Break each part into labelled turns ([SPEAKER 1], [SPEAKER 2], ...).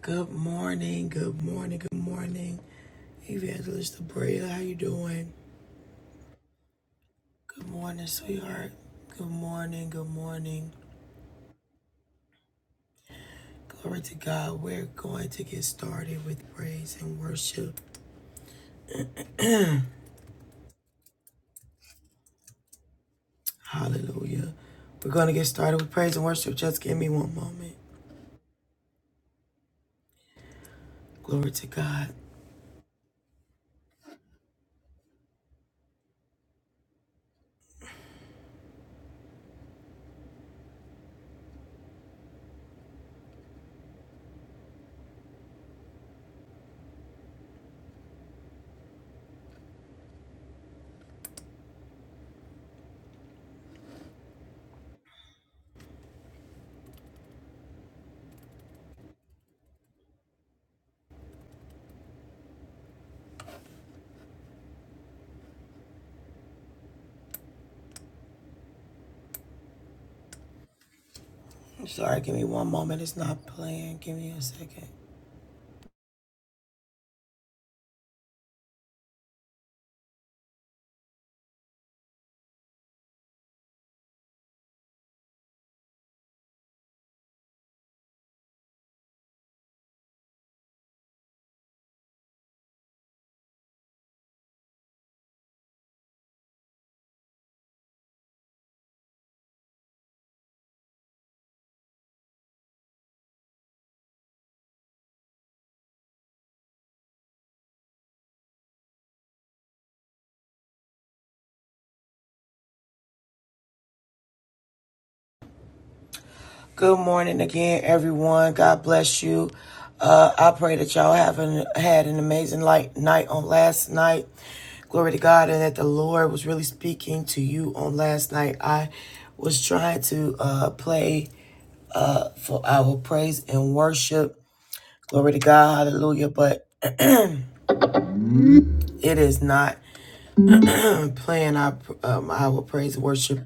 [SPEAKER 1] Good morning, good morning, good morning. Evangelist Abrea, how you doing? Good morning, sweetheart. Good morning, good morning. Glory to God. We're going to get started with praise and worship. Hallelujah. We're going to get started with praise and worship. Just give me one moment. Glory to God. I'm sorry, give me one moment. It's not playing. Give me a second. Good morning again, everyone. God bless you. Uh, I pray that y'all haven't had an amazing light night on last night. Glory to God, and that the Lord was really speaking to you on last night. I was trying to uh, play uh, for our praise and worship. Glory to God, Hallelujah! But it is not playing our um, our praise and worship.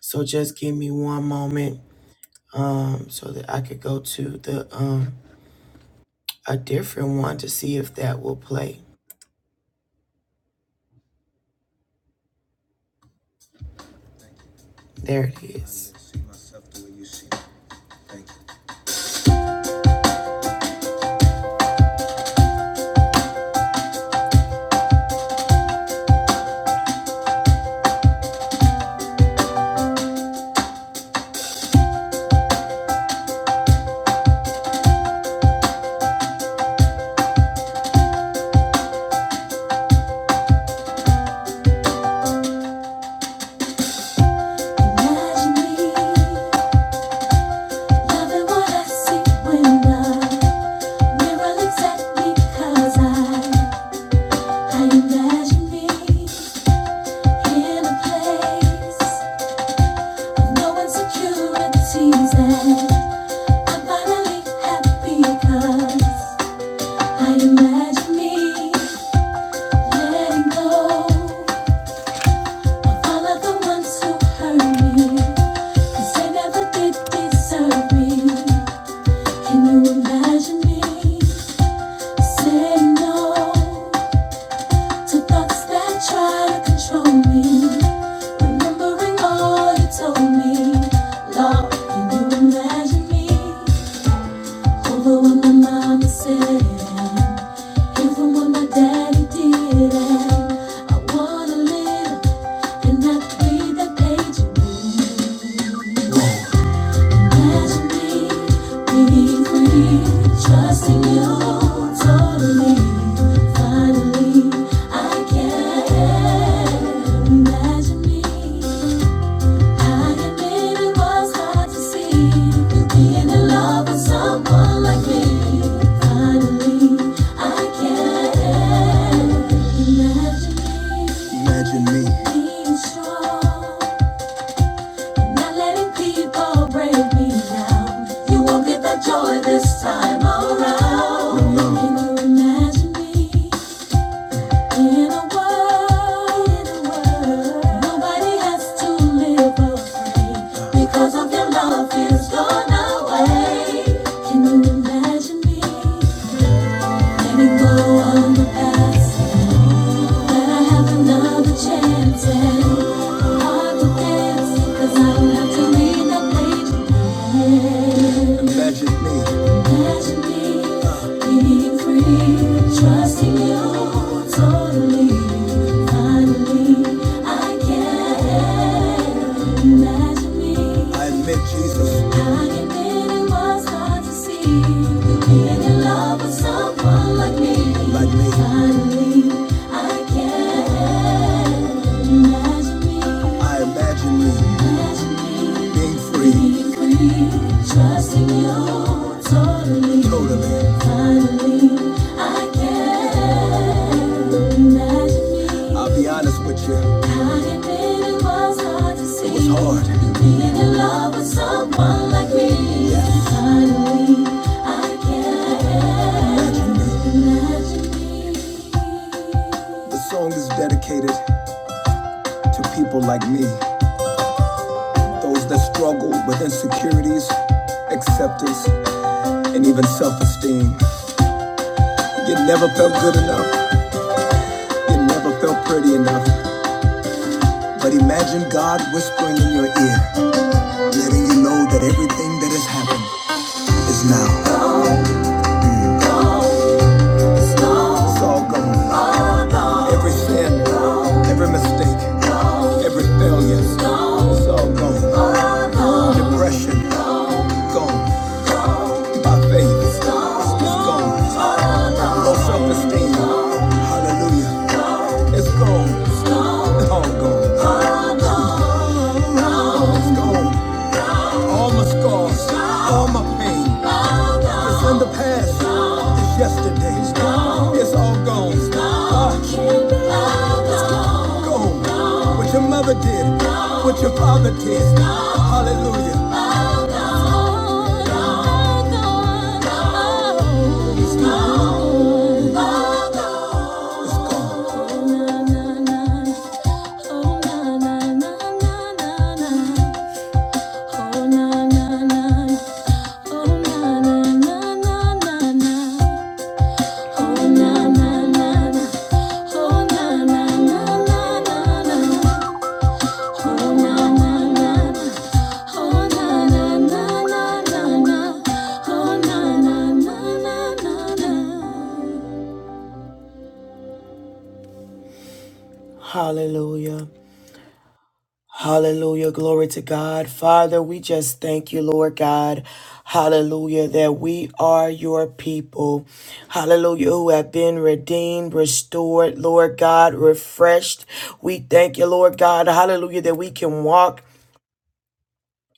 [SPEAKER 1] So just give me one moment um, so that I could go to the. Um, a different one to see if that will play. There it is. Imagine me no letting go of all of the ones who hurt me. They never did deserve me. Can you imagine me saying no to thoughts that try to control me? Remembering all you told me, Lord, can you imagine me over what my mama said, even what my daddy did? I wanna live and not be the page. you move. Trusting you totally, finally, I can imagine me. I admit it was hard to see being in love with someone like me. Finally, I can Imagine me. Being strong. Not letting people break me down. You won't get that joy this time around. No. Can you imagine me in a world, in a world? Nobody has to live afraid because of your love is gone away. Can you imagine me letting go of the past? That I have another chance and hard to dance 'cause I don't have to read the page. Imagine me. Imagine me being free, trusting you totally. Finally, I can. Imagine me. I admit Jesus. I like Like Finally, I can imagine me. I imagine me. Being free. Being free. you totally. Totally. Finally, I can imagine me. I'll be honest with you. It was hard. Being in love with someone like me. Finally, I can imagine me. The song is dedicated to people like me, those that struggle with insecurities, acceptance, and even self esteem. You never felt good enough, you never felt pretty enough. But imagine God whispering in your ear, letting you know that everything that has happened is now. It's all gone. Every sin, every mistake, every failure, it's all gone. Depression, gone. By faith, it's gone. Low self-esteem, hallelujah, it's gone. All gone. It's gone. All my scars, all my pain, it's in the past, it's yesterday, it's all gone. It's Gone. What your mother did, what your father did. Hallelujah. It's gone. Oh Oh Oh Oh Oh Oh Oh Hallelujah. Hallelujah. Glory to God. Father, we just thank you, Lord God. Hallelujah. That we are your people. Hallelujah. Who have been redeemed, restored, Lord God, refreshed. We thank you, Lord God. Hallelujah. That we can walk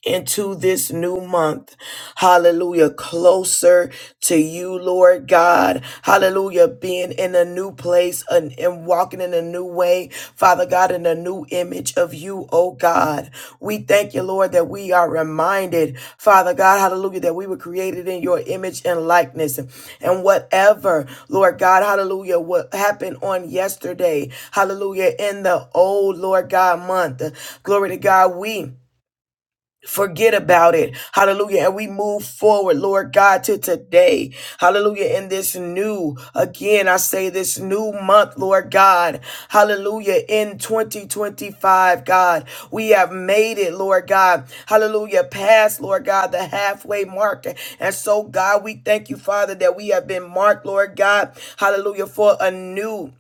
[SPEAKER 1] into this new month. Hallelujah. Closer to you, Lord God. Hallelujah. Being in a new place and, and walking in a new way, Father God, in a new image of you, oh God. We thank you, Lord, that we are reminded, Father God, hallelujah, that we were created in your image and likeness. And whatever, Lord God, hallelujah, what happened on yesterday, hallelujah, in the old, Lord God, month. Glory to God, we. Forget about it. Hallelujah. And we move forward, Lord God, to today. Hallelujah. In this new, again, I say this new month, Lord God. Hallelujah. In 2025, God, we have made it, Lord God. Hallelujah. Past, Lord God, the halfway mark. And so, God, we thank you, Father, that we have been marked, Lord God. Hallelujah. For a new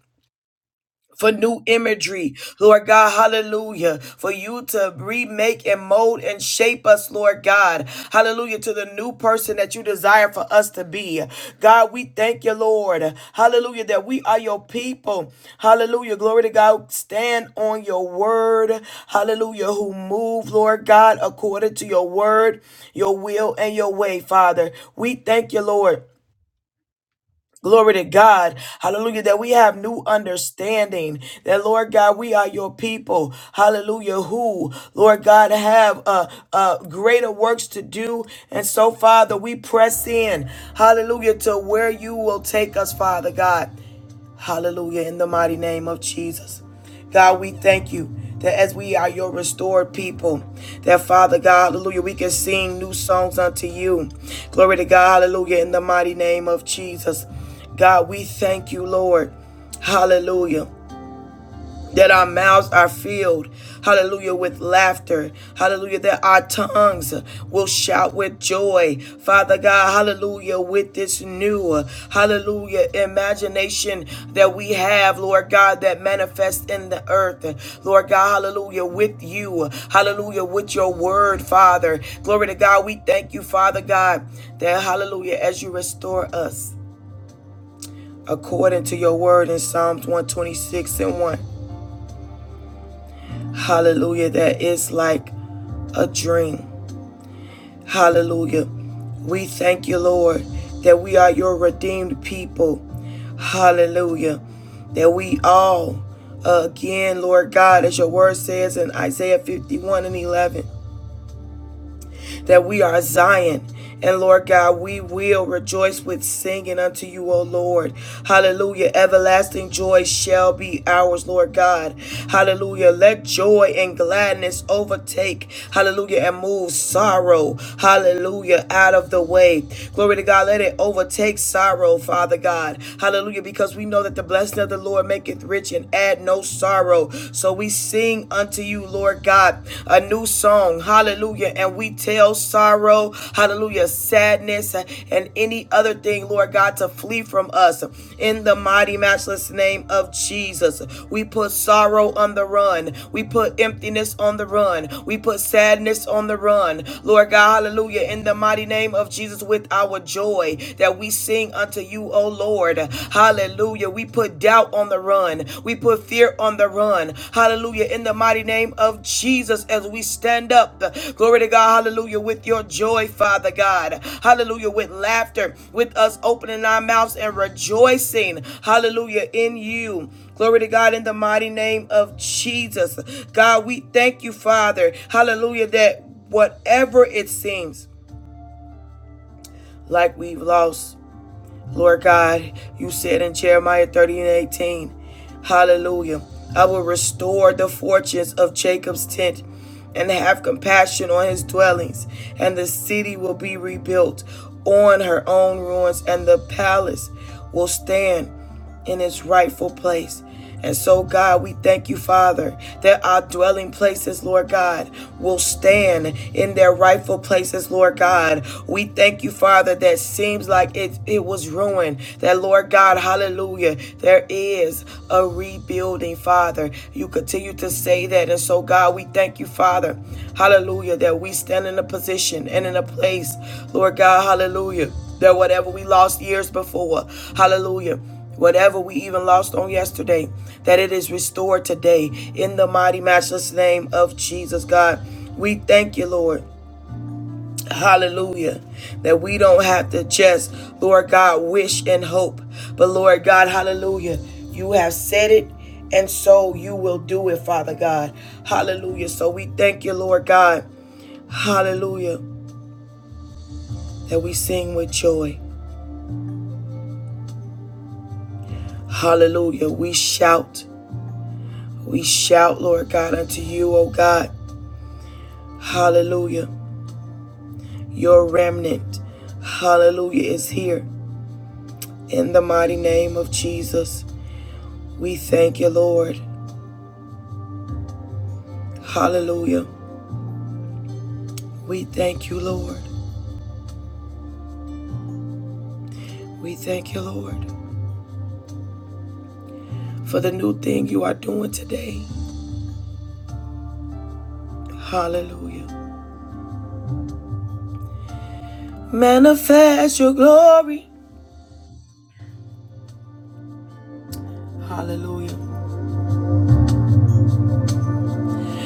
[SPEAKER 1] for new imagery, Lord God, hallelujah, for you to remake and mold and shape us, Lord God, hallelujah, to the new person that you desire for us to be. God, we thank you, Lord, hallelujah, that we are your people, hallelujah, glory to God, stand on your word, hallelujah, who move, Lord God, according to your word, your will, and your way, Father. We thank you, Lord Glory to God. Hallelujah. That we have new understanding. That, Lord God, we are your people. Hallelujah. Who, Lord God, have uh, uh, greater works to do. And so, Father, we press in. Hallelujah. To where you will take us, Father God. Hallelujah. In the mighty name of Jesus. God, we thank you that as we are your restored people, that Father God, hallelujah, we can sing new songs unto you. Glory to God, hallelujah, in the mighty name of Jesus. God, we thank you, Lord. Hallelujah that our mouths are filled, hallelujah, with laughter, hallelujah, that our tongues will shout with joy, Father God, hallelujah, with this new, hallelujah, imagination that we have, Lord God, that manifests in the earth, Lord God, hallelujah, with you, hallelujah, with your word, Father. Glory to God, we thank you, Father God, that, hallelujah, as you restore us according to your word in Psalms 126 and 1. Hallelujah. That is like a dream. Hallelujah. We thank you, Lord, that we are your redeemed people. Hallelujah. That we all, again, Lord God, as your word says in Isaiah 51 and 11 that we are Zion. And Lord God, we will rejoice with singing unto you, O Lord. Hallelujah. Everlasting joy shall be ours, Lord God. Hallelujah. Let joy and gladness overtake. Hallelujah. And move sorrow. Hallelujah. Out of the way. Glory to God. Let it overtake sorrow, Father God. Hallelujah. Because we know that the blessing of the Lord maketh rich and add no sorrow. So we sing unto you, Lord God, a new song. Hallelujah. And we tell sorrow, hallelujah, sadness, and any other thing, Lord God, to flee from us. In the mighty, matchless name of Jesus, we put sorrow on the run. We put emptiness on the run. We put sadness on the run. Lord God, hallelujah. In the mighty name of Jesus, with our joy that we sing unto you, O Lord. Hallelujah. We put doubt on the run. We put fear on the run. Hallelujah. In the mighty name of Jesus, as we stand up, glory to God. Hallelujah. With your joy, Father God. Hallelujah. With laughter, with us opening our mouths and rejoicing. Hallelujah. In you. Glory to God in the mighty name of Jesus. God, we thank you, Father. Hallelujah. That whatever it seems like we've lost, Lord God, you said in Jeremiah 30 and 18, Hallelujah, I will restore the fortunes of Jacob's tent and have compassion on his dwellings, and the city will be rebuilt on her own ruins, and the palace will stand in its rightful place. And so, God, we thank you, Father, that our dwelling places, Lord God, will stand in their rightful places, Lord God. We thank you, Father, that seems like it, it was ruined. That, Lord God, hallelujah, there is a rebuilding, Father. You continue to say that. And so, God, we thank you, Father, hallelujah, that we stand in a position and in a place, Lord God, hallelujah, that whatever we lost years before, hallelujah Whatever we even lost on yesterday, that it is restored today in the mighty, matchless name of Jesus, God. We thank you, Lord. Hallelujah. That we don't have to just, Lord God, wish and hope. But Lord God, hallelujah. You have said it, and so you will do it, Father God. Hallelujah. So we thank you, Lord God. Hallelujah. That we sing with joy. Hallelujah. We shout. We shout, Lord God, unto you, O God. Hallelujah. Your remnant, hallelujah, is here. In the mighty name of Jesus, we thank you, Lord. Hallelujah. We thank you, Lord. We thank you, Lord, for the new thing you are doing today. Hallelujah. Manifest your glory. Hallelujah.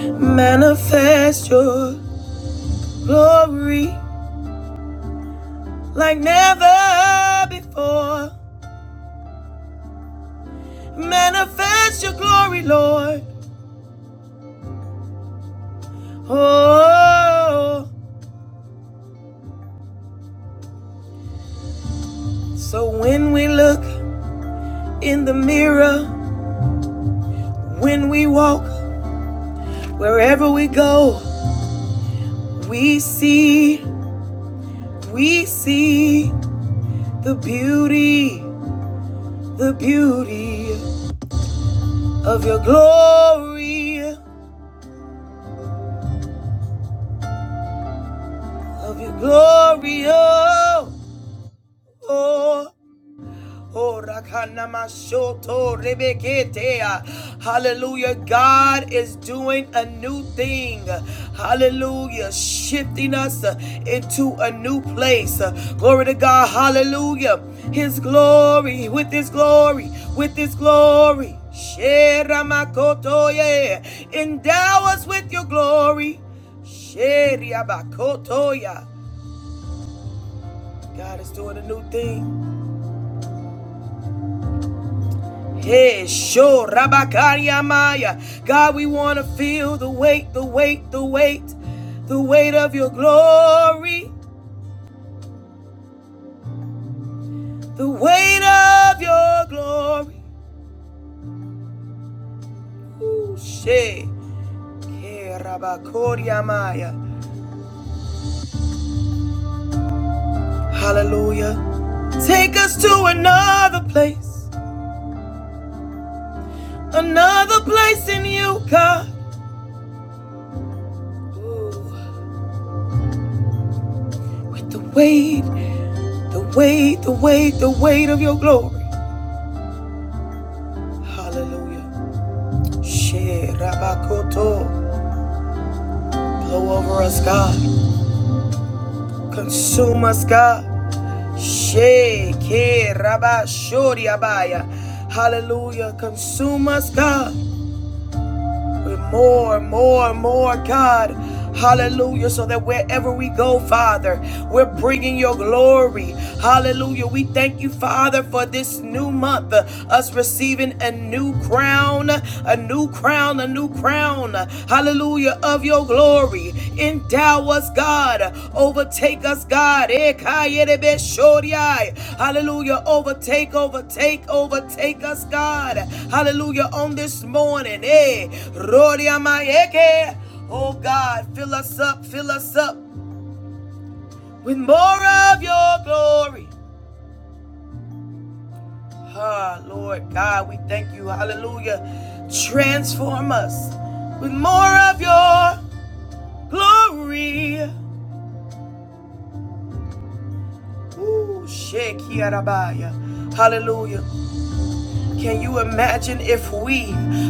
[SPEAKER 1] Manifest your glory like never before. Manifest your glory, Lord. Oh, so when we look in the mirror, when we walk, wherever we go, we see, we see the beauty, the beauty of your glory, of your glory. Oh, oh Oh, rakanamashoto rebeketea. Hallelujah. God is doing a new thing. Hallelujah. Shifting us uh, into a new place. Uh, Glory to God. Hallelujah. His glory, with His glory, with His glory. Sheramakoto, yeah. Endow us with your glory. Sheriabakotoya. God is doing a new thing. Hey, sure, Rabakaria Maya. God, we want to feel the weight, the weight, the weight, the weight of your glory, the weight of your glory. Ooh, she. Hey, Rabakoria Maya. Hallelujah. Take us to another place, another place in you, God. Ooh, with the weight, the weight, the weight, the weight of your glory. Hallelujah. Shit, Rabakoto, blow over us, God. Consume us, God. Shake, Rabashori Abaya. Hallelujah. Consume us, God. With more, more, more, God. Hallelujah. So that wherever we go, Father, we're bringing your glory. Hallelujah. We thank you, Father, for this new month, uh, us receiving a new crown, a new crown, a new crown. Hallelujah. Of your glory. Endow us, God. Overtake us, God. Hallelujah. Overtake, overtake, overtake us, God. Hallelujah. On this morning. Eh. Rodiamayeke. Oh God, fill us up, fill us up with more of your glory. Ah, Lord God, we thank you. Hallelujah. Transform us with more of your glory. Ooh, shekiarabaya. Hallelujah. Can you imagine if we,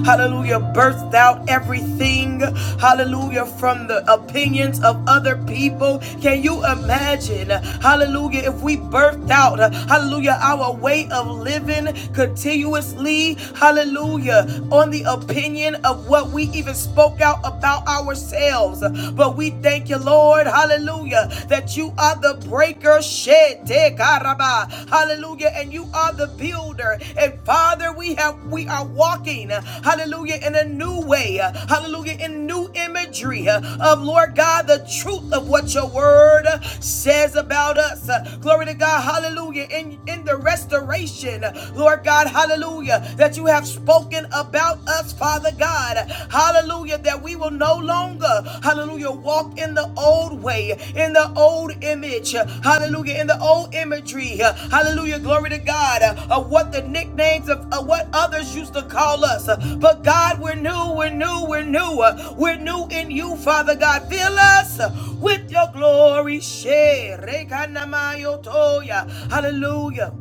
[SPEAKER 1] hallelujah, birthed out everything, hallelujah, from the opinions of other people? Can you imagine, hallelujah, if we birthed out, hallelujah, our way of living continuously, hallelujah, on the opinion of what we even spoke out about ourselves? But we thank you, Lord, hallelujah, that you you are the breaker. Shete karaba. Hallelujah. And you are the builder. And Father, we have we are walking. Hallelujah. In a new way. Hallelujah. In new imagery of Lord God, the truth of what your word says about us. Glory to God. Hallelujah. In in the restoration, Lord God, hallelujah. That you have spoken about us, Father God. Hallelujah, that we will no longer, hallelujah, walk in the old way, in the old image, hallelujah, in the old imagery, hallelujah, glory to God, uh, of what the nicknames of, of what others used to call us. But God, we're new, we're new, we're new, uh, we're new in you, Father God. Fill us with your glory. Share. Hallelujah.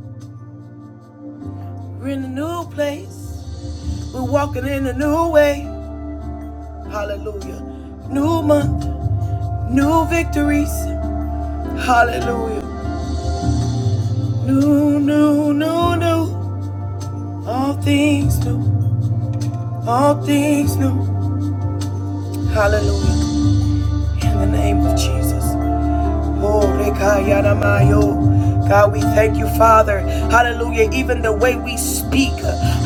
[SPEAKER 1] We're in a new place, we're walking in a new way. Hallelujah. New month, new victories. Hallelujah. New, new, new, new. All things new. All things new. Hallelujah. In the name of Jesus. Oh, Rekayanamayo. God, we thank you, Father. Hallelujah. Even the way we speak,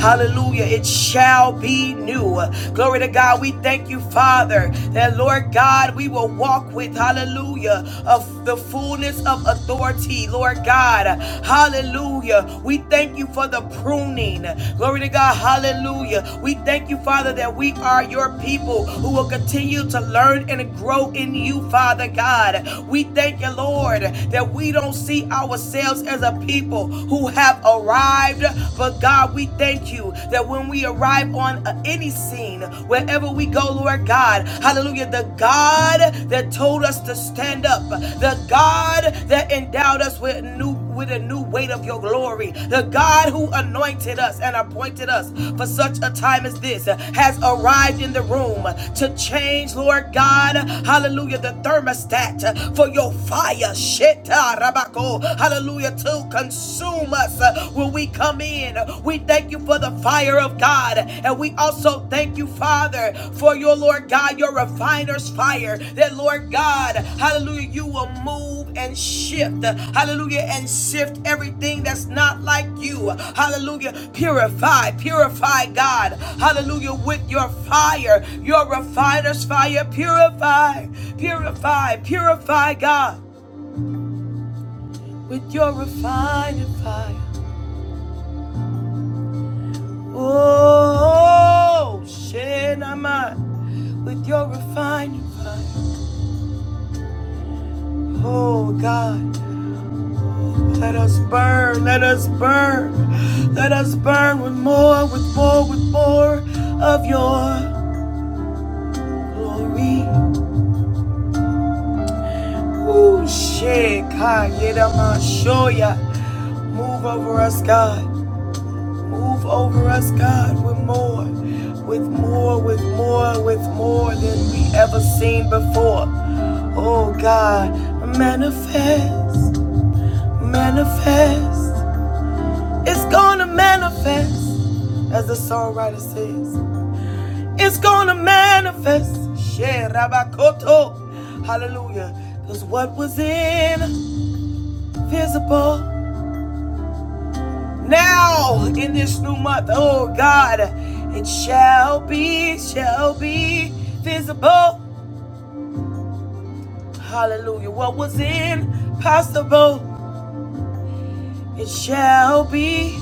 [SPEAKER 1] hallelujah, it shall be new. Glory to God. We thank you, Father, that Lord God, we will walk with, hallelujah, of the fullness of authority, Lord God. Hallelujah. We thank you for the pruning. Glory to God. Hallelujah. We thank you, Father, that we are your people who will continue to learn and grow in you, Father God. We thank you thank you, Lord, that we don't see ourselves as a people who have arrived. But God, we thank you that when we arrive on uh, any scene, wherever we go, Lord God, hallelujah, the God that told us to stand up, the God that endowed us with new with a new weight of your glory. The God who anointed us and appointed us for such a time as this has arrived in the room to change, Lord God, hallelujah, the thermostat for your fire, Sheta Rabako, hallelujah, to consume us uh, when we come in. We thank you for the fire of God, and we also thank you, Father, for your Lord God, your refiner's fire. That Lord God, hallelujah, you will move and shift, hallelujah, and sift everything that's not like you, hallelujah. Purify, purify, God, hallelujah, with your fire, your refiner's fire. Purify, purify, purify, God with your refining fire. Oh, Shenamai, with your refining fire. Oh, God, let us burn, let us burn, let us burn with more, with more, with more of your glory. Oh, Shekayedama Shoya, move over us, God. Move over us, God, with more, with more, with more, with more than we ever seen before. Oh God, manifest, manifest. It's gonna manifest, as the songwriter says. It's gonna manifest. Sherabakoto. Hallelujah. Because what was invisible now in this new month, oh God, it shall be, shall be visible. Hallelujah. What was impossible, it shall be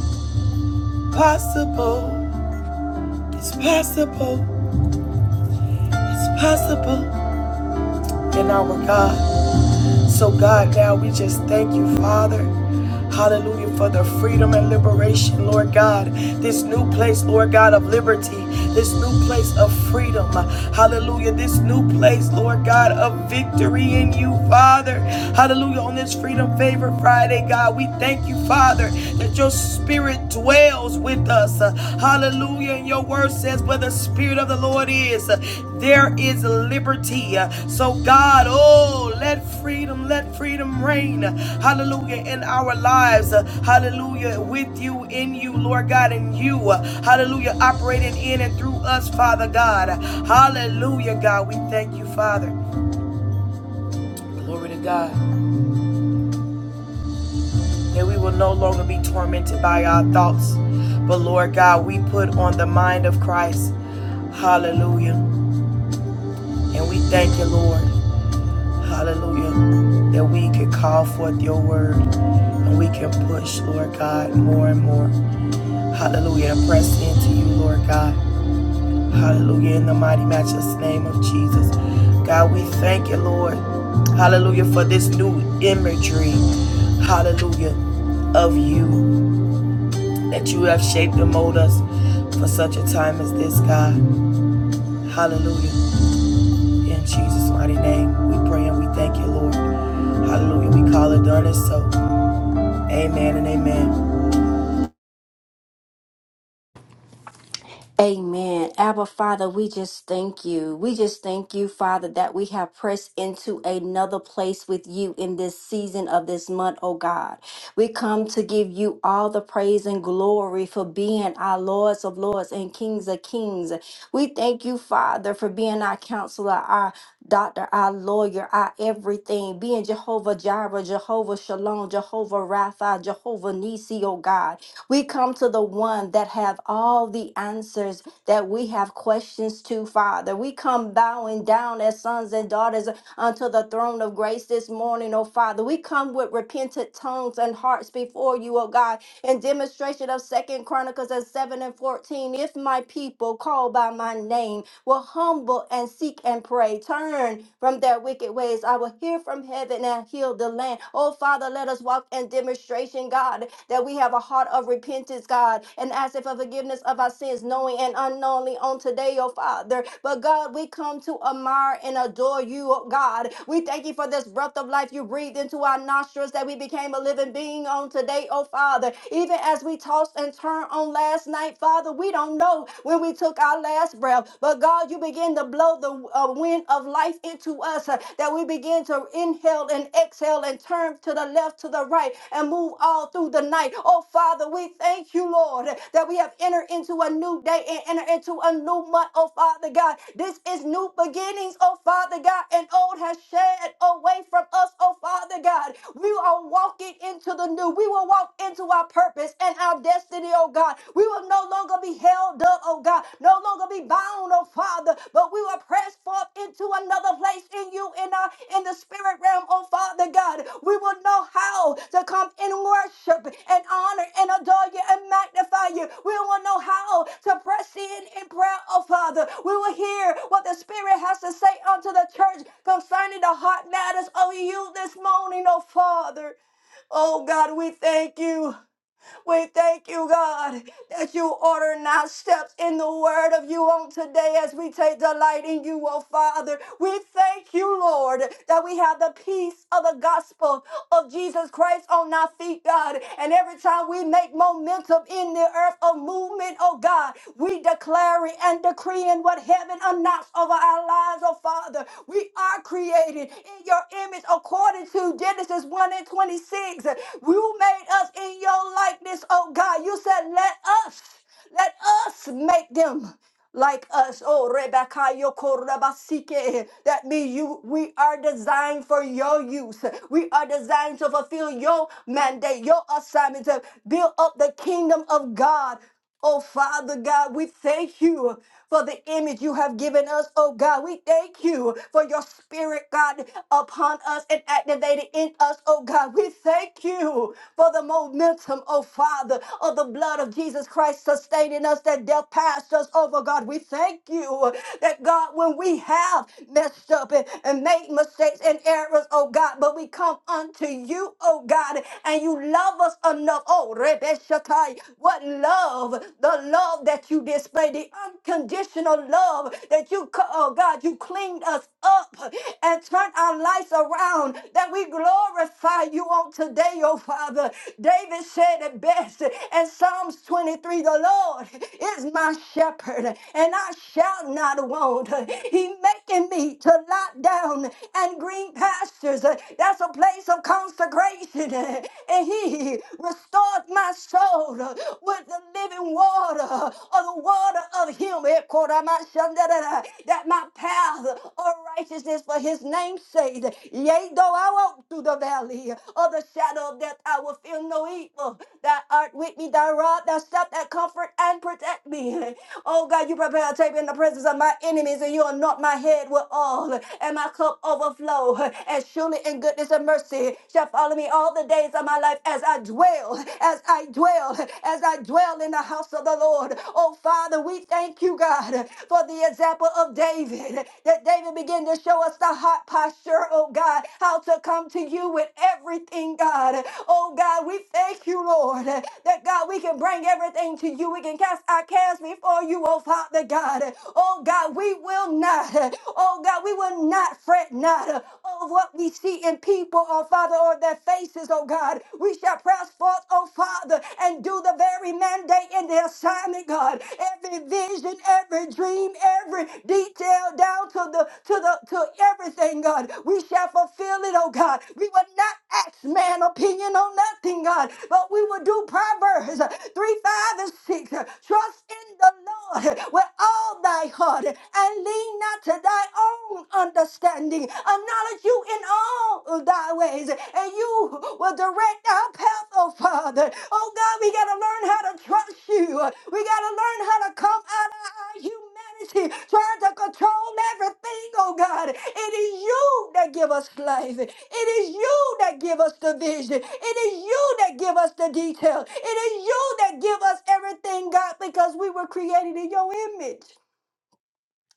[SPEAKER 1] possible. It's possible. It's possible in our God. So, God, now we just thank you, Father. Hallelujah for the freedom and liberation, Lord God. This new place, Lord God, of liberty. This new place of freedom. Hallelujah. This new place, Lord God, of victory in you, Father. Hallelujah. On this Freedom Favor Friday, God, we thank you, Father, that your spirit dwells with us us. Hallelujah. And your word says, where the Spirit of the Lord is, there is liberty. So, God, oh, let freedom, let freedom reign. Hallelujah. In our lives. Hallelujah. With you, in you, Lord God, in you. Hallelujah. Operating in and through us, Father God. Hallelujah, God. We thank you, Father. Glory to God. and we will no longer be tormented by our thoughts. But Lord God, we put on the mind of Christ. Hallelujah. And we thank you, Lord. Hallelujah. That we can call forth your word and we can push, Lord God, more and more. Hallelujah. And press into you, Lord God. Hallelujah. In the mighty, matchless name of Jesus. God, we thank you, Lord. Hallelujah. For this new imagery. Hallelujah. Of you. that you have shaped and molded us for such a time as this, God. Hallelujah. In Jesus' mighty name, we pray and we thank you, Lord. Hallelujah. We call it done and so. Amen and amen.
[SPEAKER 2] Amen. Abba, Father, we just thank you. We just thank you, Father, that we have pressed into another place with you in this season of this month, oh God. We come to give you all the praise and glory for being our Lords of Lords and Kings of Kings. We thank you, Father, for being our counselor, our doctor, our lawyer, our everything, being Jehovah Jireh, Jehovah Shalom, Jehovah Rapha, Jehovah Nisi, oh God. We come to the one that have all the answers that we have questions to, Father. We come bowing down as sons and daughters unto the throne of grace this morning, oh Father. We come with repentant tongues and hearts before you, oh God, in demonstration of Second Chronicles and 7 and 14. If my people call by my name, will humble and seek and pray. Turn from their wicked ways. I will hear from heaven and heal the land. Oh, Father, let us walk in demonstration, God, that we have a heart of repentance, God, and ask for forgiveness of our sins, knowing and unknowingly on today, oh, Father. But, God, we come to admire and adore you, oh, God. We thank you for this breath of life you breathed into our nostrils that we became a living being on today, oh, Father. Even as we tossed and turned on last night, Father, we because we don't know when we took our last breath. But God, you begin to blow the uh, wind of life into us uh, that we begin to inhale and exhale and turn to the left, to the right, and move all through the night. Oh, Father, we thank you, Lord, that we have entered into a new day and entered into a new month. Oh, Father God, this is new beginnings. Oh, Father God, and old has shed away from us. Oh, Father God, we are walking into the new. We will walk into our purpose purpose and our destiny, oh God. We will no longer be held up, oh God, no longer be bound, oh Father, but we will press forth into another place in you, in our in the spirit realm, oh Father God. We will know how to come in worship and honor and adore you and magnify you. We will know how to press in in prayer, oh Father. We will hear what the Spirit has to say unto the church concerning the heart matters of you this morning, oh Father. Oh God, we thank you. We thank you, God, that you order our steps in the word of you on today as we take delight in you, oh Father. We thank you, Lord, that we have the peace of the gospel of Jesus Christ on our feet, God. And every time we make momentum in the earth of movement, oh God, we declaring and decreeing what heaven announced over our lives, oh Father. We are created in your image according to Genesis 1 and and 26. You made us in your likeness, oh God. You said, let us, let us make them like us. Oh, Rebecca, Yokorabasike. That means you we are designed for your use. We are designed to fulfill your mandate, your assignment to build up the kingdom of God. Oh, Father God, we thank you for the image you have given us. Oh, God, we thank you for your spirit, God, upon us and activated in us. Oh, God, we thank you for the momentum, oh, Father, of the blood of Jesus Christ sustaining us that death passed us over. God, we thank you that, God, when we have messed up and, and made mistakes and errors, oh, God, but we come unto you, oh, God, and you love us enough. Oh, Rebeshatai. What love, the love that you display, the unconditional love that you, co- oh God, you cleaned us up and turned our lives around, that we glorify you on today, oh Father. David said it best in Psalms 23 The Lord is my shepherd, and I shall not want. He making me to lie down and green pastures. That's a place of consecration and he restored my soul with the living water or the water of him that my path of righteousness for his name's sake. Yea, though I walk through the valley of the shadow of death, I will fear no evil. Thou art with me, thy rod, thy staff, that comfort and protect me. Oh God, you prepare a table in the presence of my enemies, and you anoint my head with oil, and my cup overflow. And surely in goodness goodness and mercy shall follow me all the days of my life as I dwell, as I dwell, as I dwell in the house of the Lord. Oh, Father, we thank you, God, for the example of David, that David began to show us the heart posture, oh God, how to come to you with everything, God. Oh, God, we thank you, Lord, that God, we can bring everything to you. We can cast our cares before you, oh Father God. Oh, God, we will not, oh God, we will not fret not uh, of what we see in people, oh Father, or their faces, oh God. We shall press forth, oh Father, and do the very mandate and the assignment, God. Every vision, every dream, every detail down to the to the to everything, God. We shall fulfill it, oh God. We will not ask man opinion on nothing, God, but we will do Proverbs uh, 3, 5, and 6. uh, Trust in the Lord with all thy heart and lean to thy own understanding. Acknowledge you in all thy ways, and you will direct our path, oh Father. Oh God, we got to learn how to trust you. We got to learn how to come out of our humanity, trying to control everything, oh God. It is you that give us life. It is you that give us the vision. It is you that give us the detail. It is you that give us everything, God, because we were created in your image.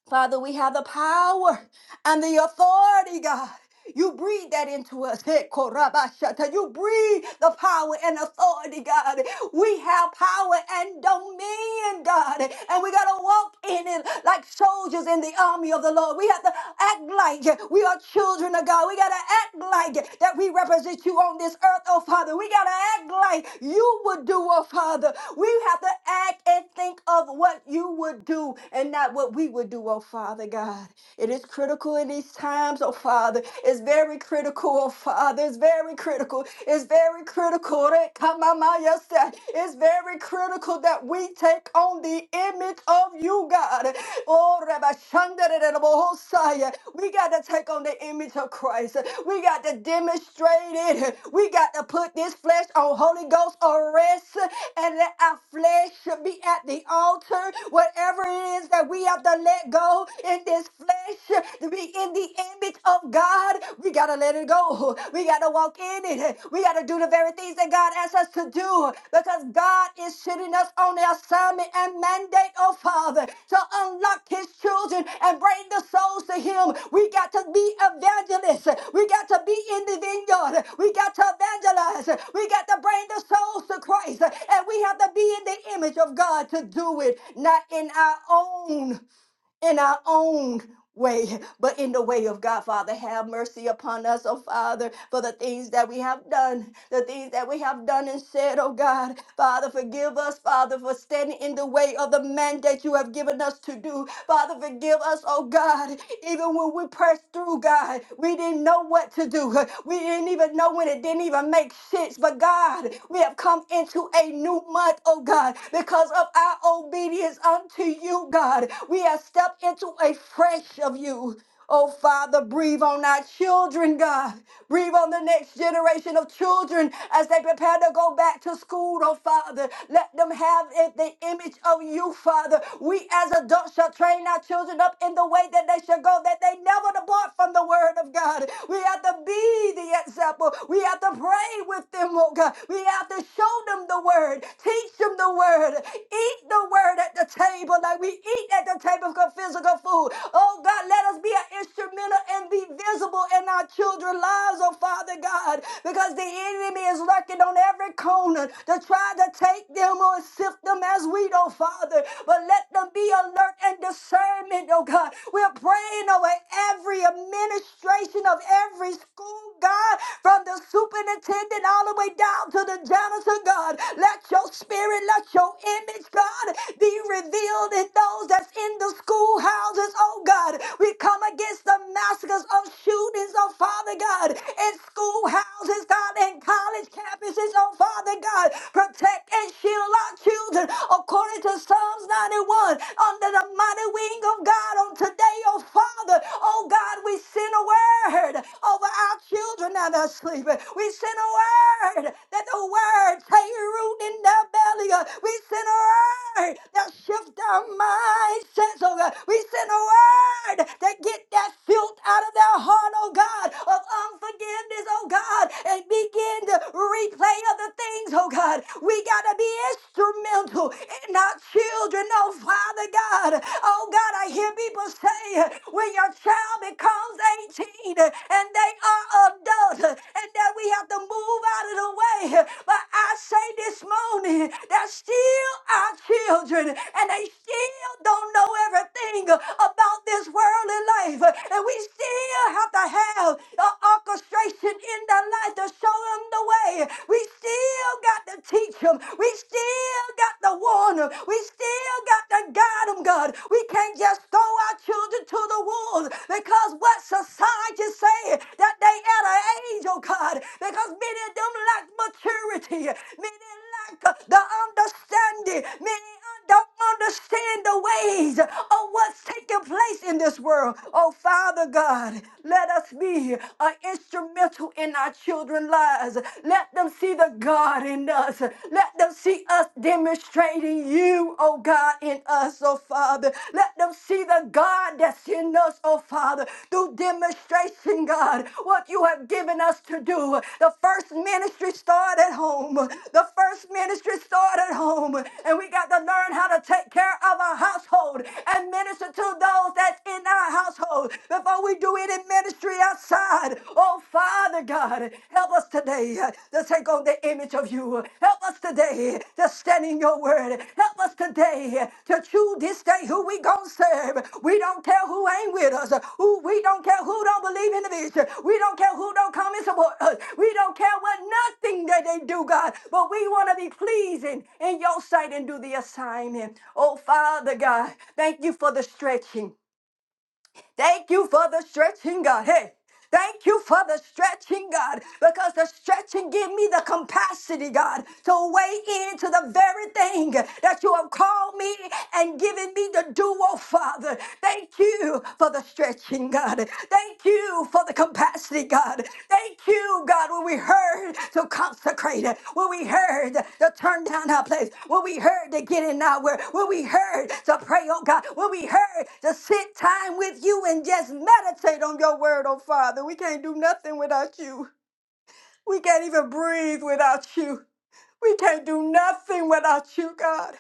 [SPEAKER 2] Father, we have the power and the authority, God, you breathe that into us. Hey, Korabashata. You breathe the power and authority, God. We have power and dominion, God. And we got to walk in it like soldiers in the army of the Lord. We have to act like we are children of God. We got to act like that we represent you on this earth, oh Father. We got to act like you would do, oh Father. We have to act and think of what you would do and not what we would do, oh Father God. It is critical in these times, oh Father. It's very critical, oh Father. It's very critical. It's very critical. that- come on, my mind, yes, that- It's very critical that we take on the image of you, God. Oh, Rabbi Shandarabohosaya. We got to take on the image of Christ. We got to demonstrate it. We got to put this flesh on Holy Ghost arrest and let our flesh be at the altar. Whatever it is that we have to let go, in this flesh to be in the image of God. We got to let it go. We got to walk in it. We got to do the very things that God asks us to do because God is sitting us on the assignment and mandate, oh Father, to unlock His children and bring the souls to Him. We got to be evangelists. We got to be in the vineyard. We got to evangelize. We got to bring the souls to Christ. And we have to be in the image of God to do it, not in our own in our own way, but in the way of God, Father. Have mercy upon us, oh Father, for the things that we have done, the things that we have done and said, oh God. Father, forgive us, Father, for standing in the way of the mandate you have given us to do. Father, forgive us, oh God, even when we pressed through, God, we didn't know what to do. We didn't even know when it didn't even make sense. But God, we have come into a new month, oh God, because of of our obedience unto you, God. We have stepped into a fresh of you. Oh, Father, breathe on our children, God. Breathe on the next generation of children as they prepare to go back to school, oh, Father. Let them have it, the image of you, Father. We as adults shall train our children up in the way that they shall go, that they never depart from the word of God. We have to be the example. We have to pray with them, oh, God. We have out to show them the word, teach them the word, eat the word at the table like we eat at the table of physical food. Oh God, let us be an instrumental and be visible in our children's lives, oh Father God, because the enemy is lurking on every corner to try to take them or sift them as wheat, oh Father. But let them be alert and discernment, oh God. We're praying over every administration of every school God, from the superintendent all the way down to the janitor, God. Let your spirit, let your image, God, be revealed in those that's in the schoolhouses, oh God. We come against the massacres of shootings, oh Father God, in schoolhouses, God, and college campuses, oh Father God. Protect and shield our children according to Psalms 91 under the mighty wing of God on today, oh Father. Oh God, we send a word over our children now that are sleeping. We send a word that the word take root in their belly. uh, We send a word that shift our mindsets. Oh God. We send a word that get that filth out of their heart, oh God, of unforgiveness, oh God, and begin to replay other things, oh God. We gotta be instrumental in our children, oh Father glory, God. Oh, God, I hear people say when your child becomes 18 and they are adults and that we have to move out of the way. But I say this morning that still our children and they still don't know everything about this worldly life. And we still have to have an orchestration in their life to show them the way. We still got to teach them. We still got the warn We still got to guide them, God. We can't just throw our children to the wolves because what society say that they at an age, oh God, because many of them lack maturity. Many lack uh, the understanding. Many un- don't understand the ways of what's taking place in this world. Oh, Father God, let us be an instrumental in our children's lives us. Let them see the God in us. Let them see us demonstrating you, oh God, in us, oh Father. Let them see the God that's in us, oh Father, through demonstration, God, what you have given us to do. The first ministry started at home. The first ministry started at home. And we got to learn how to take care of our household and minister to those that's in our household before we do any ministry outside. Oh, Father God, help us today uh, to take on the image of you. Help us today to stand in your word. Help us today to choose this day who we gonna serve. We don't care who ain't with us. Who we don't care who don't believe in the vision. We don't care who don't come and support us. We don't care what nothing that they do, God. But we want to be pleasing in your sight and do the assignment. Oh Father God, thank you for the stretching. Thank you for the stretching, God. Hey. Thank you for the stretching, God, because the stretching give me the capacity, God, to weigh into the very thing that you have called me and given me to do, oh Father. Thank you for the stretching, God. Thank you for the capacity, God. Thank you, God, when we heard to consecrate, when we heard to turn down our place, when we heard to get in our word, when we heard to pray, oh God, when we heard to sit time with you and just meditate on your word, oh Father. We can't do nothing without you. We can't even breathe without you. We can't do nothing without you, God.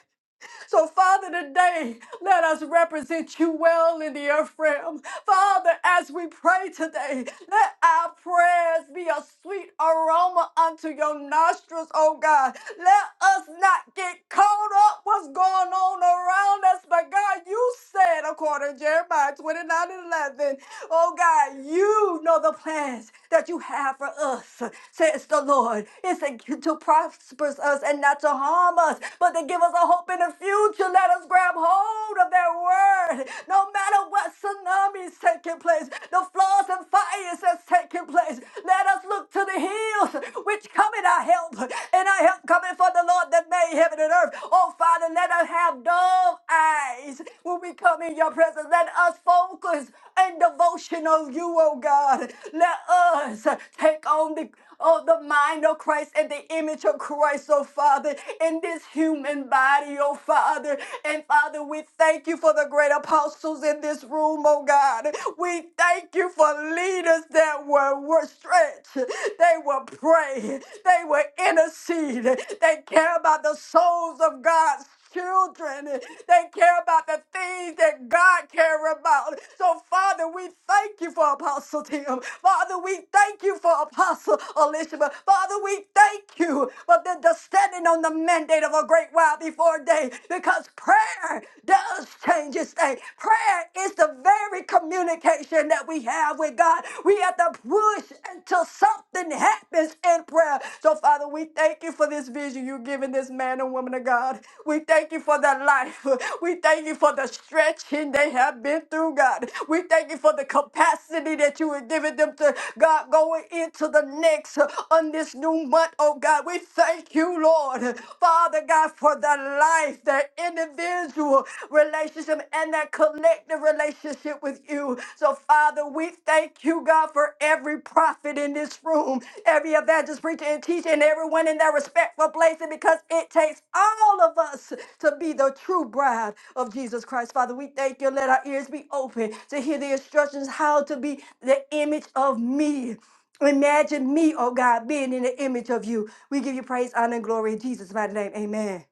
[SPEAKER 2] So, Father, today, let us represent you well in the earth realm. Father, as we pray today, let our prayers be a sweet aroma unto your nostrils, oh God. Let us not get caught up what's going on around us. But God, you said, according to Jeremiah 29 and 11, oh God, you know the plans that you have for us, says the Lord. It's to to prosper us and not to harm us, but to give us a hope in the future. Let us grab hold of that word. No matter what tsunami is taking place, the floods and fires that's taking place, Let let us look to the hills which cometh our help, and our help cometh from the Lord that made heaven and earth. Oh, Father, let us have dull eyes when we come in your presence. Let us focus and devotion on you, oh God. Let us take on the oh, the mind of Christ and the image of Christ, oh Father, in this human body, oh Father. And Father, we thank you for the great apostles in this room, oh God. We thank you for leaders that were, were stretched, they will pray, they will intercede, they care about the souls of God children that care about the things that God cares about. So, Father, we thank you for Apostle Tim. Father, we thank you for Apostle Elishama. Father, we thank you for the, the standing on the mandate of a great while before day because prayer does change this thing. Prayer is the very communication that we have with God. We have to push until something happens in prayer. So, Father, we thank you for this vision you've given this man and woman of God. We thank you for their life. We thank you for the stretching they have been through, God. We thank you for the capacity that you have given them to, God, going into the next uh, on this new month, oh God. We thank you, Lord. Father God, for their life, their individual relationship and that collective relationship with you. So, Father, we thank you, God, for every prophet in this room, every evangelist, preacher, and teacher, and everyone in their respectful place, and because it takes all of us to be the true bride of Jesus Christ. Father, we thank you. Let our ears be open to hear the instructions how to be the image of me. Imagine me, oh God, being in the image of you. We give you praise, honor, and glory in Jesus' mighty name. Amen.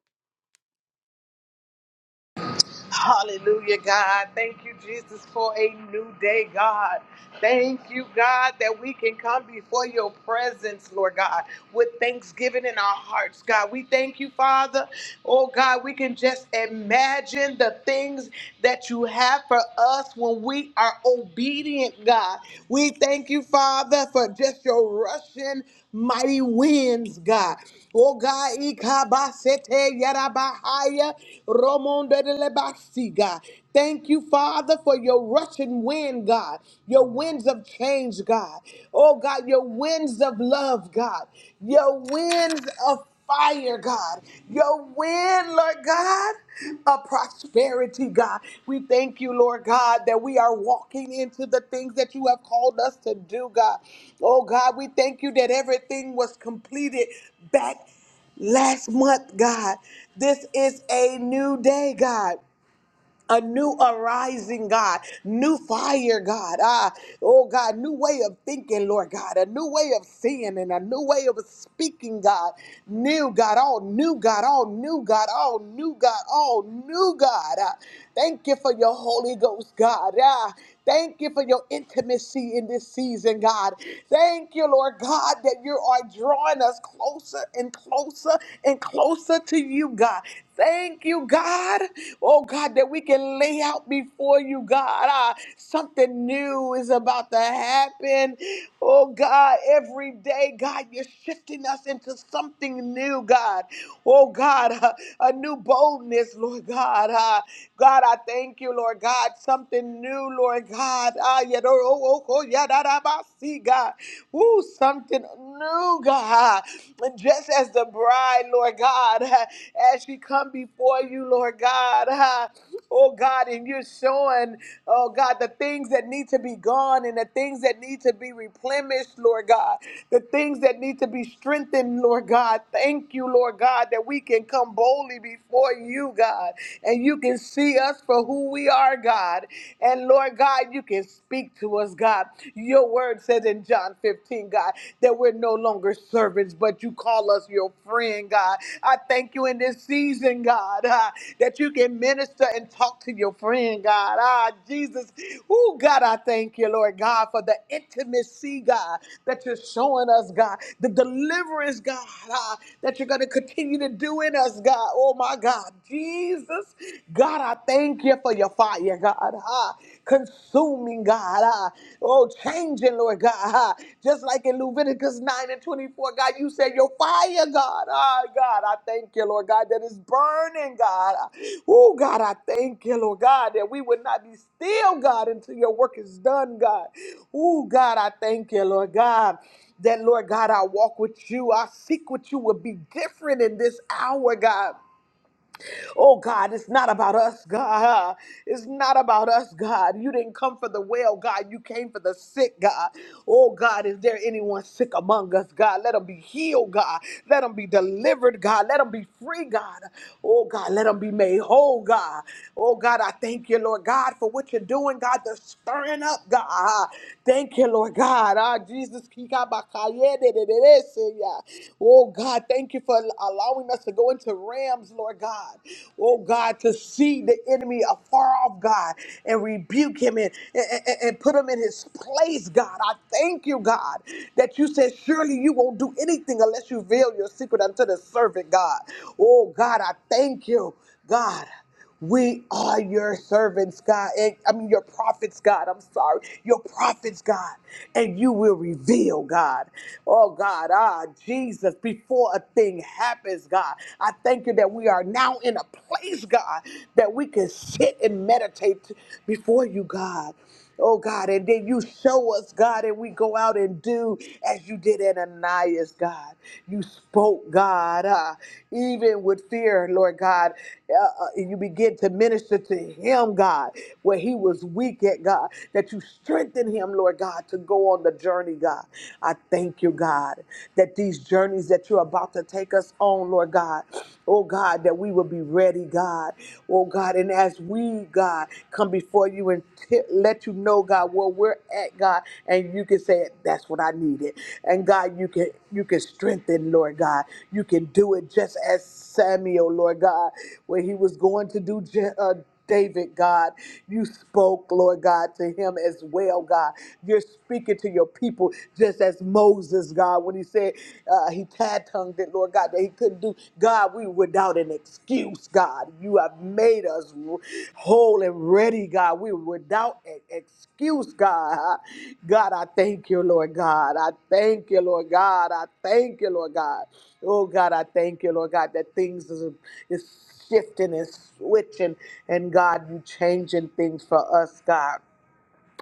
[SPEAKER 3] Hallelujah, God. Thank you, Jesus, for a new day, God. Thank you, God, that we can come before your presence, Lord God, with thanksgiving in our hearts, God. We thank you, Father. Oh, God, we can just imagine the things that you have for us when we are obedient, God. We thank you, Father, for just your rushing mighty winds, God. Oh God, Ikabasete Yarabahaya Romonda de Lebasi, God. Thank you, Father, for your rushing wind, God. Your winds of change, God. Oh God, your winds of love, God. Your winds of fire, God, your wind, Lord God, of prosperity, God. We thank you, Lord God, that we are walking into the things that you have called us to do, God. Oh, God, we thank you that everything was completed back last month, God. This is a new day, God a new arising God, new fire, God. Ah, oh God, new way of thinking, Lord God, a new way of seeing and a new way of speaking, God. New God, all new God, all new God, all new God, all new God. Ah, thank you for your Holy Ghost, God. Ah, Thank you for your intimacy in this season, God. Thank you, Lord God, that you are drawing us closer and closer and closer to you, God. Thank you, God. Oh, God, that we can lay out before you, God. Ah, something new is about to happen. Oh, God, every day, God, you're shifting us into something new, God. Oh, God, a, a new boldness, Lord God. Ah, God, I thank you, Lord God. God, something new, Lord God. Ah, yeah, oh, oh, oh, yeah, da, da, ba, see, God. Ooh, something new, God. And Just as the bride, Lord God, ah, as she come before you, Lord God, ah, oh God, and you're showing, oh God, the things that need to be gone and the things that need to be replenished, Lord God, the things that need to be strengthened, Lord God. Thank you, Lord God, that we can come boldly before you, God, and you can see us see us for who we are, God. And Lord God, you can speak to us, God. Your word says in John 15, God, that we're no longer servants, but you call us your friend, God. I thank you in this season, God, ah, that you can minister and talk to your friend, God. Ah, Jesus. Oh, God, I thank you, Lord God, for the intimacy, God, that you're showing us, God, the deliverance, God, ah, that you're going to continue to do in us, God. Oh, my God. Jesus. Jesus. God, I thank you for your fire, God. Ah, consuming, God. Ah, oh, changing, Lord God. Ah, just like in Leviticus 9 and 24, God, you said your fire, God. Ah, God, I thank you, Lord God, that is burning, God. Ah, Oh, God, I thank you, Lord God, that we would not be still, God, until your work is done, God. Oh, God, I thank you, Lord God that Lord God, I walk with you. I seek with you will be different in this hour, God. Oh God, it's not about us, God. It's not about us, God. You didn't come for the well, God. You came for the sick, God. Oh God, is there anyone sick among us, God? Let them be healed, God. Let them be delivered, God. Let them be free, God. Oh God, let them be made whole, God. Oh God, I thank you, Lord God, for what you're doing, God. The stirring up, God. Thank you, Lord God. Ah, Jesus, Kika Bakayede, de- de- oh God, thank you for allowing us us to go into rams, Lord God. Oh God, to see the enemy afar off, God, and rebuke him and, and, and- and put him in his place, God. I thank you, God, that you said, surely you won't do anything unless you veil your secret unto the servant, God. Oh God, I thank you, God. We are your servants, God. And I mean, your prophets, God. I'm sorry. Your prophets, God. And you will reveal, God. Oh, God. Ah, Jesus, before a thing happens, God, I thank you that we are now in a place, God, that we can sit and meditate before you, God. Oh God, and then you show us, God, and we go out and do as you did at Ananias, God. You spoke, God, uh, even with fear, Lord God uh, uh, you begin to minister to him, God, where he was weak at, God, that you strengthen him, Lord God, to go on the journey, God. I thank you, God, that these journeys that you're about to take us on, Lord God, oh God, that we will be ready, God, oh God, and as we, God, come before you and t- let you know, God, where we're at, God, and you can say, "That's what I needed." And God, you can you can strengthen, Lord God. You can do it just as Samuel, Lord God, when he was going to do. Je- Uh, David, God, you spoke, Lord God, to him as well, God. You're speaking to your people just as Moses, God, when he said uh, he tad tongued it, Lord God, that he couldn't do. God, we without an excuse, God. You have made us whole and ready, God. We without an excuse, God. God, I thank you, Lord God. I thank you, Lord God. I thank you, Lord God. Oh God, I thank you, Lord God, that things is, is shifting and switching, and God, you changing things for us, God.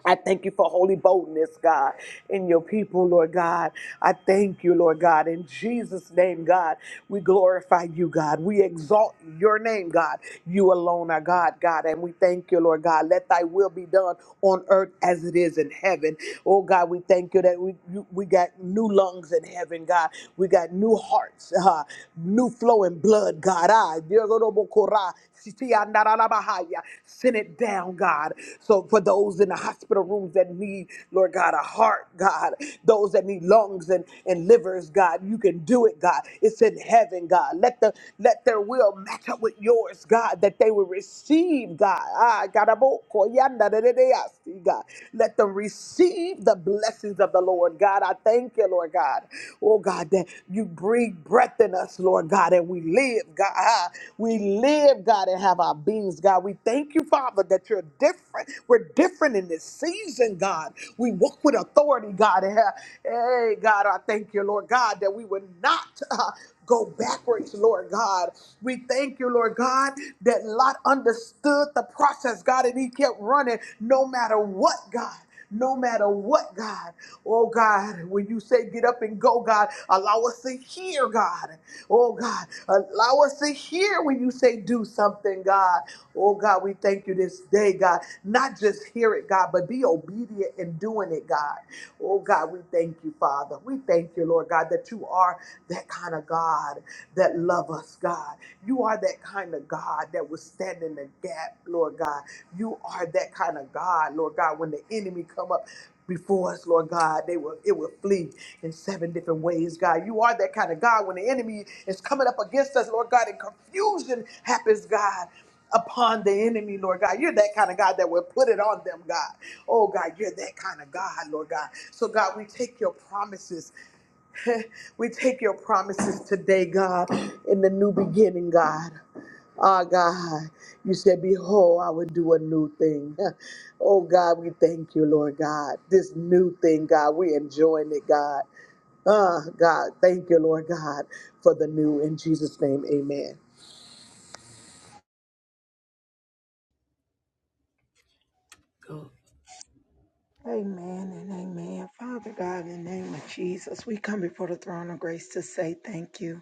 [SPEAKER 3] I thank you for holy boldness, God, in your people, Lord God. I thank you, Lord God. In Jesus' name, God, we glorify you, God. We exalt your name, God. You alone are God, God. And we thank you, Lord God. Let thy will be done on earth as it is in heaven. Oh, God, we thank you that we, you- we got new lungs in heaven, God. We got new hearts, uh, new flowing blood, God. Ah, Send it down, God. So for those in the hospital rooms that need, Lord God, a heart, God, those that need lungs and, and livers, God, you can do it, God. It's in heaven, God. Let the let their will match up with yours, God, that they will receive, God. Ah, garabokoyandarereasi, God. Let them receive the blessings of the Lord, God. I thank you, Lord God. Oh, God. God, that you breathe breath in us, Lord God, and we live, God. Ah, We live, God, and have our beings, God. We thank you, Father, that you're different. We're different in this season, God. We walk with authority, God. and have- Hey, God, I thank you, Lord God, that we would not uh, go backwards, Lord God. We thank you, Lord God, that Lot understood the process, God, and he kept running no matter what, God. No matter what, God. Oh, God, when you say get up and go, God, allow us to hear, God. Oh, God, allow us to hear when you say do something, God. Oh, God, we thank you this day, God. Not just hear it, God, but be obedient in doing it, God. Oh, God, we thank you, Father. We thank you, Lord God, that you are that kind of God that love us, God. You are that kind of God that will stand in the gap, Lord God. You are that kind of God, Lord God. When the enemy come up before us, Lord God, they will it will flee in seven different ways, God. You are that kind of God. When the enemy is coming up against us, Lord God, and confusion happens, God. Upon the enemy, Lord God. You're that kind of God that will put it on them, God. Oh, God, you're that kind of God, Lord God. So, God, we take your promises. we take your promises today, God, in the new beginning, God. Ah, God, you said, Behold, I will do a new thing. Oh, God, we thank you, Lord God. This new thing, God, we enjoying it, God. Ah, God, thank you, Lord God, for the new. In Jesus' name, amen.
[SPEAKER 4] Amen and amen. Father God, in the name of Jesus, we come before the throne of grace to say thank you.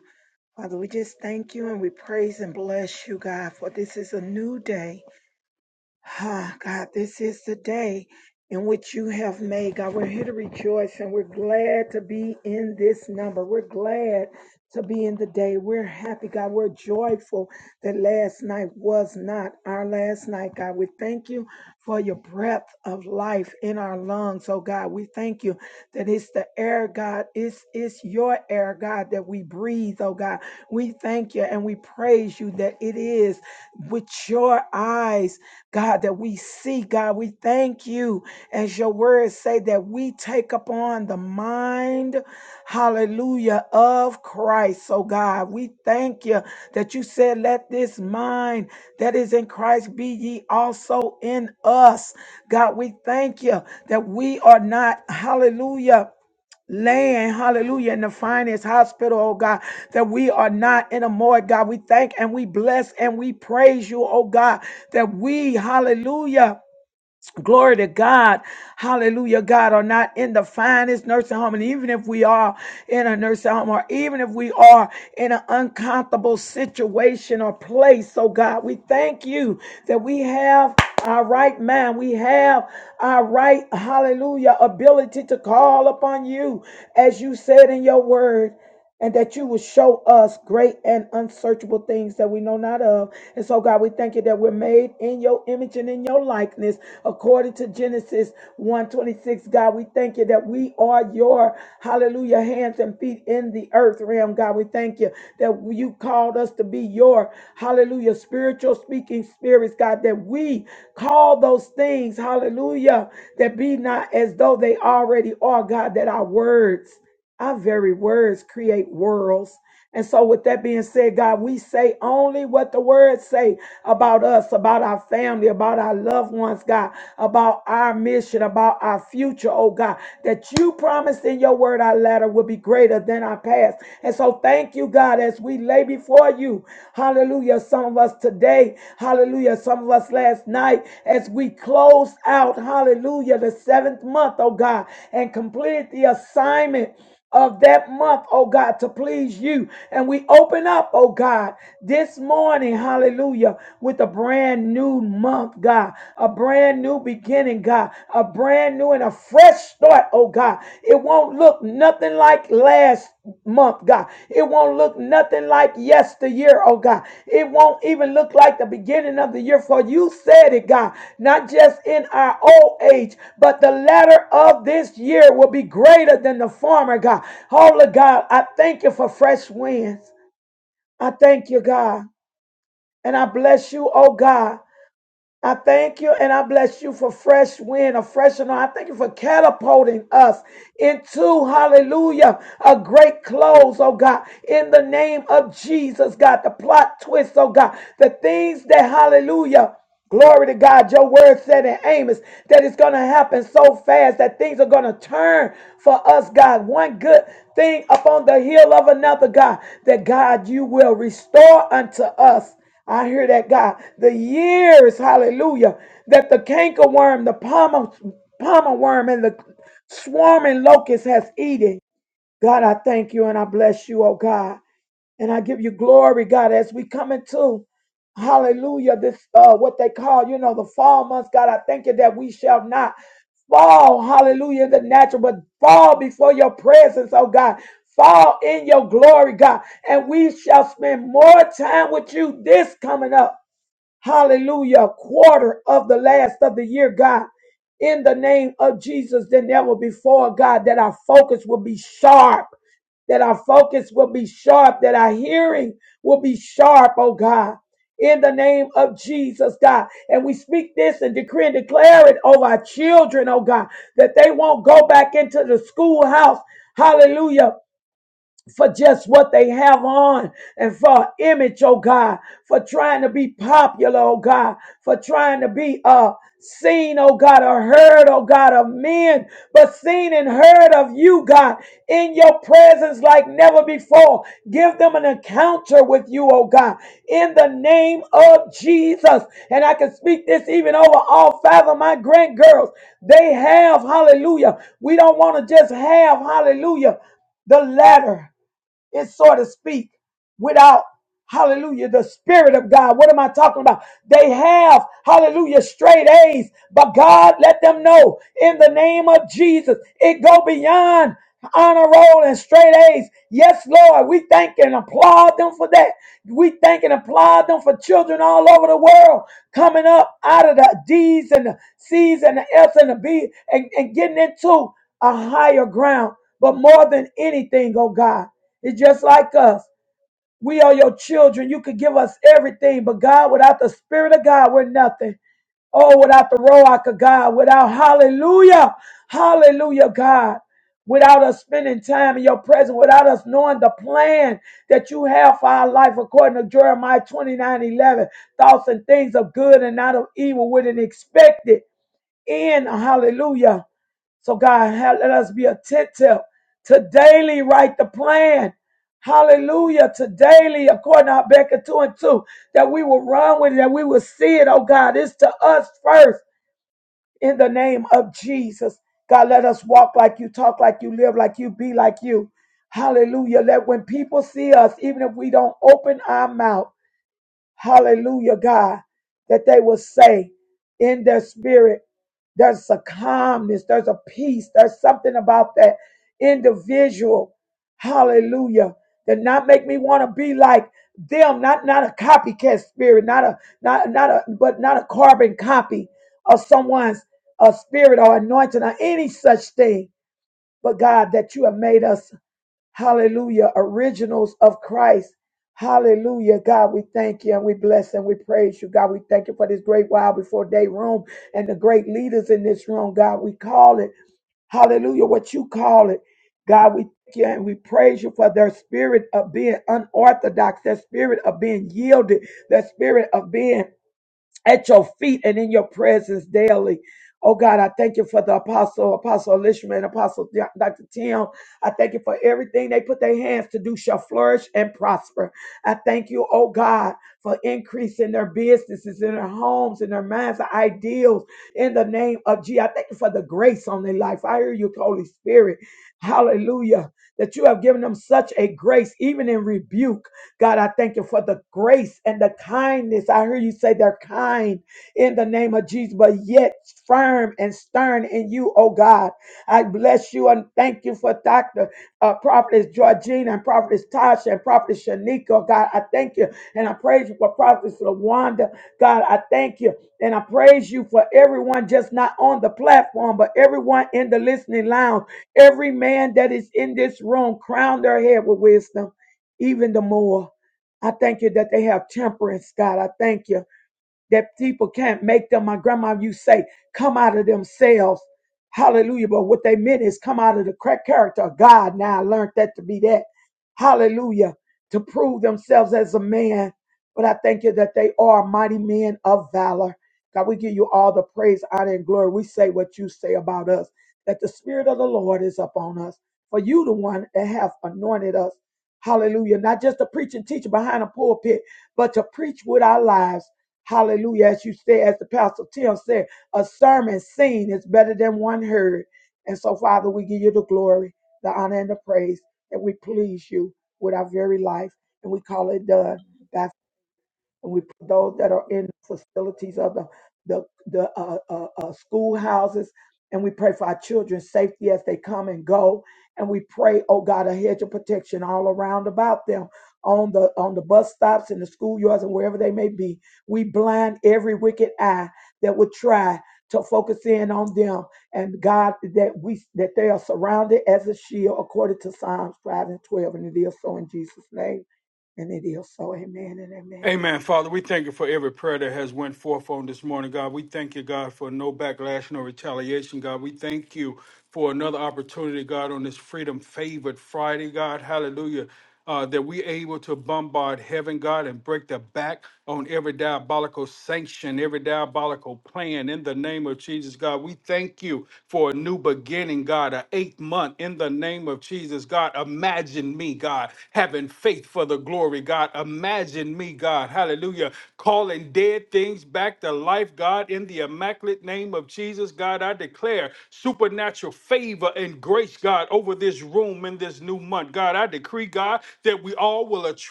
[SPEAKER 4] Father, we just thank you and we praise and bless you, God, for this is a new day. Ah, God, this is the day in which you have made. God, we're here to rejoice and we're glad to be in this number. We're glad to be in the day. We're happy, God. We're joyful that last night was not our last night, God. We thank you for your breath of life in our lungs, oh God. We thank you that it's the air, God. It's, it's your air, God, that we breathe, oh God. We thank you and we praise you that it is with your eyes God, that we see, God, we thank you, as your words say, that we take upon the mind, hallelujah, of Christ. So, God, we thank you that you said, let this mind that is in Christ be ye also in us. God, we thank you that we are not, hallelujah laying, hallelujah, in the finest hospital, oh God, that we are not in a morgue, God. We thank and we bless and we praise you, oh God, that we, hallelujah. Glory to God, hallelujah. God, are not in the finest nursing home. And even if we are in a nursing home, or even if we are in an uncomfortable situation or place, oh God, we thank you that we have our right mind. We have our right, hallelujah, ability to call upon you as you said in your word. And that you will show us great and unsearchable things that we know not of. And so, God, we thank you that we're made in your image and in your likeness, according to Genesis 1 26, God, we thank you that we are your, hallelujah, hands and feet in the earth realm, God. We thank you that you called us to be your, hallelujah, spiritual speaking spirits, God, that we call those things, hallelujah, that be not as though they already are, God, that our words, our very words create worlds. And so with that being said, God, we say only what the word say about us, about our family, about our loved ones, God, about our mission, about our future, oh God, that you promised in your word our latter will be greater than our past. And so thank you, God, as we lay before you, hallelujah, some of us today, hallelujah, some of us last night, as we close out, hallelujah, the seventh month, oh God, and completed the assignment of that month, oh God, to please you. And we open up, oh God, this morning, hallelujah, with a brand new month, God, a brand new beginning, God, a brand new and a fresh start, oh God. It won't look nothing like last month. God. It won't look nothing like yesteryear, oh God. It won't even look like the beginning of the year, for you said it, God. Not just in our old age, but the latter of this year will be greater than the former, God. Holy God, I thank you for fresh winds. I thank you, God. And I bless you, oh God. I thank you and I bless you for fresh wind, a fresh anointing. I thank you for catapulting us into, hallelujah, a great close, oh God, in the name of Jesus, God, the plot twist, oh God, the things that, hallelujah, Glory to God. Your word said in Amos that it's going to happen so fast that things are going to turn for us, God. One good thing upon the heel of another, God, that God, you will restore unto us. I hear that God. The years, hallelujah, that the cankerworm, the palmer, palmer worm, and the swarming locust has eaten. God, I thank you and I bless you, oh God. And I give you glory, God, as we come into hallelujah, this uh what they call, you know, the fall months, God. I thank you that we shall not fall, hallelujah, in the natural, but fall before your presence, oh God. Fall in your glory, God. And we shall spend more time with you this coming up hallelujah, A quarter of the last of the year, God. In the name of Jesus, than ever before, God, that our focus will be sharp, that our focus will be sharp, that our hearing will be sharp, oh God. In the name of Jesus, God. And we speak this and decree and declare it over our children, oh God, that they won't go back into the schoolhouse, hallelujah, for just what they have on and for image, oh God, for trying to be popular, oh God, for trying to be uh seen, oh God, or heard, oh God, of men, but seen and heard of you, God, in your presence like never before. Give them an encounter with you, oh God, in the name of Jesus. And I can speak this even over all five of my grand girls. They have, hallelujah. We don't want to just have, hallelujah the latter. It so to speak without hallelujah the spirit of god what am i talking about they have hallelujah straight a's but god let them know in the name of jesus it go beyond honor roll and straight a's yes lord we thank and applaud them for that we thank and applaud them for children all over the world coming up out of the d's and the c's and the f's and the b and, and getting into a higher ground but more than anything oh god it's just like us. We are your children. You could give us everything, but God, without the Spirit of God, we're nothing. Oh, without the Roach of God, without hallelujah, hallelujah, God, without us spending time in your presence, without us knowing the plan that you have for our life, according to Jeremiah 29 11, thoughts and things of good and not of evil with an expected end, hallelujah. So, God, ha- let us be attentive to daily write the plan. Hallelujah. To daily, according to Habakkuk 2 and 2, that we will run with it, that we will see it. Oh, God, it's to us first in the name of Jesus. God, let us walk like you, talk like you, live like you, be like you. Hallelujah. That when people see us, even if we don't open our mouth, Hallelujah, God, that they will say in their spirit, there's a calmness, there's a peace, there's something about that individual. Hallelujah. That not make me want to be like them, not not a copycat spirit, not a not not a but not a carbon copy of someone's a spirit or anointing or any such thing. But God, that you have made us. Hallelujah. Originals of Christ. Hallelujah. God, we thank you and we bless and we praise you. God, we thank you for this great while before day room and the great leaders in this room. God, we call it. Hallelujah. What you call it. God, we thank you and we praise you for their spirit of being unorthodox, their spirit of being yielded, their spirit of being at your feet and in your presence daily. Oh God, I thank you for the apostle, apostle Elishma and apostle Dr. Tim. I thank you for everything they put their hands to do shall flourish and prosper. I thank you, oh God, for increase in their businesses, in their homes, in their minds, their ideals, in the name of Jesus. I thank you for the grace on their life. I hear you, Holy Spirit. Hallelujah. That you have given them such a grace, even in rebuke. God, I thank you for the grace and the kindness. I hear you say they're kind in the name of Jesus, but yet firm and stern in you, oh God. I bless you and thank you for Dr. Uh, Prophetess Georgina and Prophetess Tasha and Prophetess Shanika, oh God. I thank you and I praise you for Prophetess LaWanda. God, I thank you and I praise you for everyone just not on the platform, but everyone in the listening lounge, every man that is in this room, crown their head with wisdom even the more. I thank you that they have temperance, God. I thank you that people can't make them. My grandma you say, come out of themselves. Hallelujah. But what they meant is come out of the correct character of God. Now I learned that to be that. Hallelujah. To prove themselves as a man. But I thank you that they are mighty men of valor. God, we give you all the praise, honor, and glory. We say what you say about us, that the Spirit of the Lord is upon us. For you, the one that have anointed us. Hallelujah. Not just to preach and teach behind a pulpit, but to preach with our lives Hallelujah. As you say, as the Pastor Tim said, a sermon seen is better than one heard. And so, Father, we give you the glory, the honor, and the praise, and we please you with our very life, and we call it done. by and we put those that are in facilities of the the, the uh, uh, uh, schoolhouses, and we pray for our children's safety as they come and go, and we pray, oh God, a hedge of protection all around about them on the on the bus stops and the schoolyards and wherever they may be. We blind every wicked eye that would try to focus in on them, and God, that we that they are surrounded as a shield, according to Psalms five and twelve, and it is so in Jesus' name, and it is so. Amen and amen.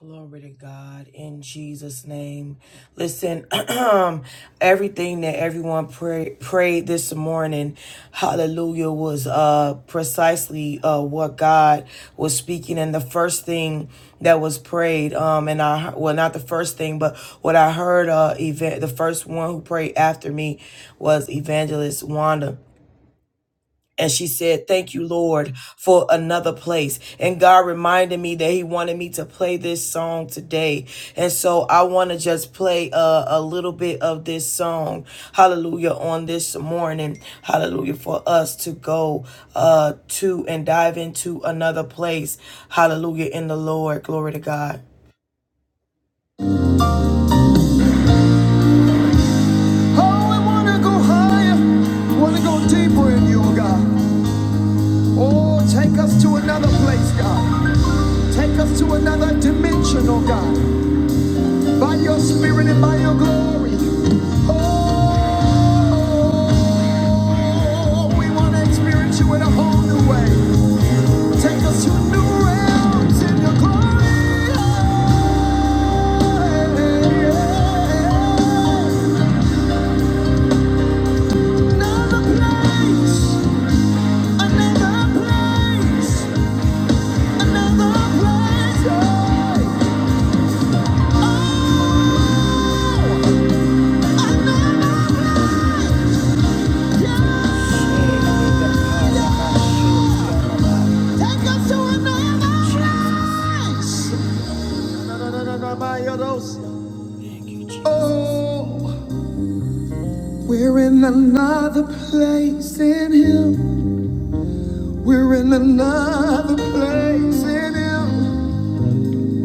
[SPEAKER 1] Glory to God in Jesus' name. Listen, everything that everyone pray, prayed this morning, hallelujah, was uh, precisely uh, what God was speaking. And the first thing that was prayed, um, and I, well, not the first thing, but what I heard, uh, event, the first one who prayed after me was Evangelist Wanda. And she said, Thank you, Lord, for another place. And God reminded me that He wanted me to play this song today. And so I want to just play a, a little bit of this song, hallelujah, on this morning, hallelujah, for us to go uh, to and dive into another place, hallelujah, in the Lord. Glory to God. Oh, we want to go higher, I want to go deeper in you, God. Oh, take us to another place, God. Take us to another dimension, oh God, by your spirit and by your glory. Oh, we want to experience you in a whole new way. Take us to new realms in your glory. Take us to another place. Oh, we're in another place in Him. We're in another place in Him.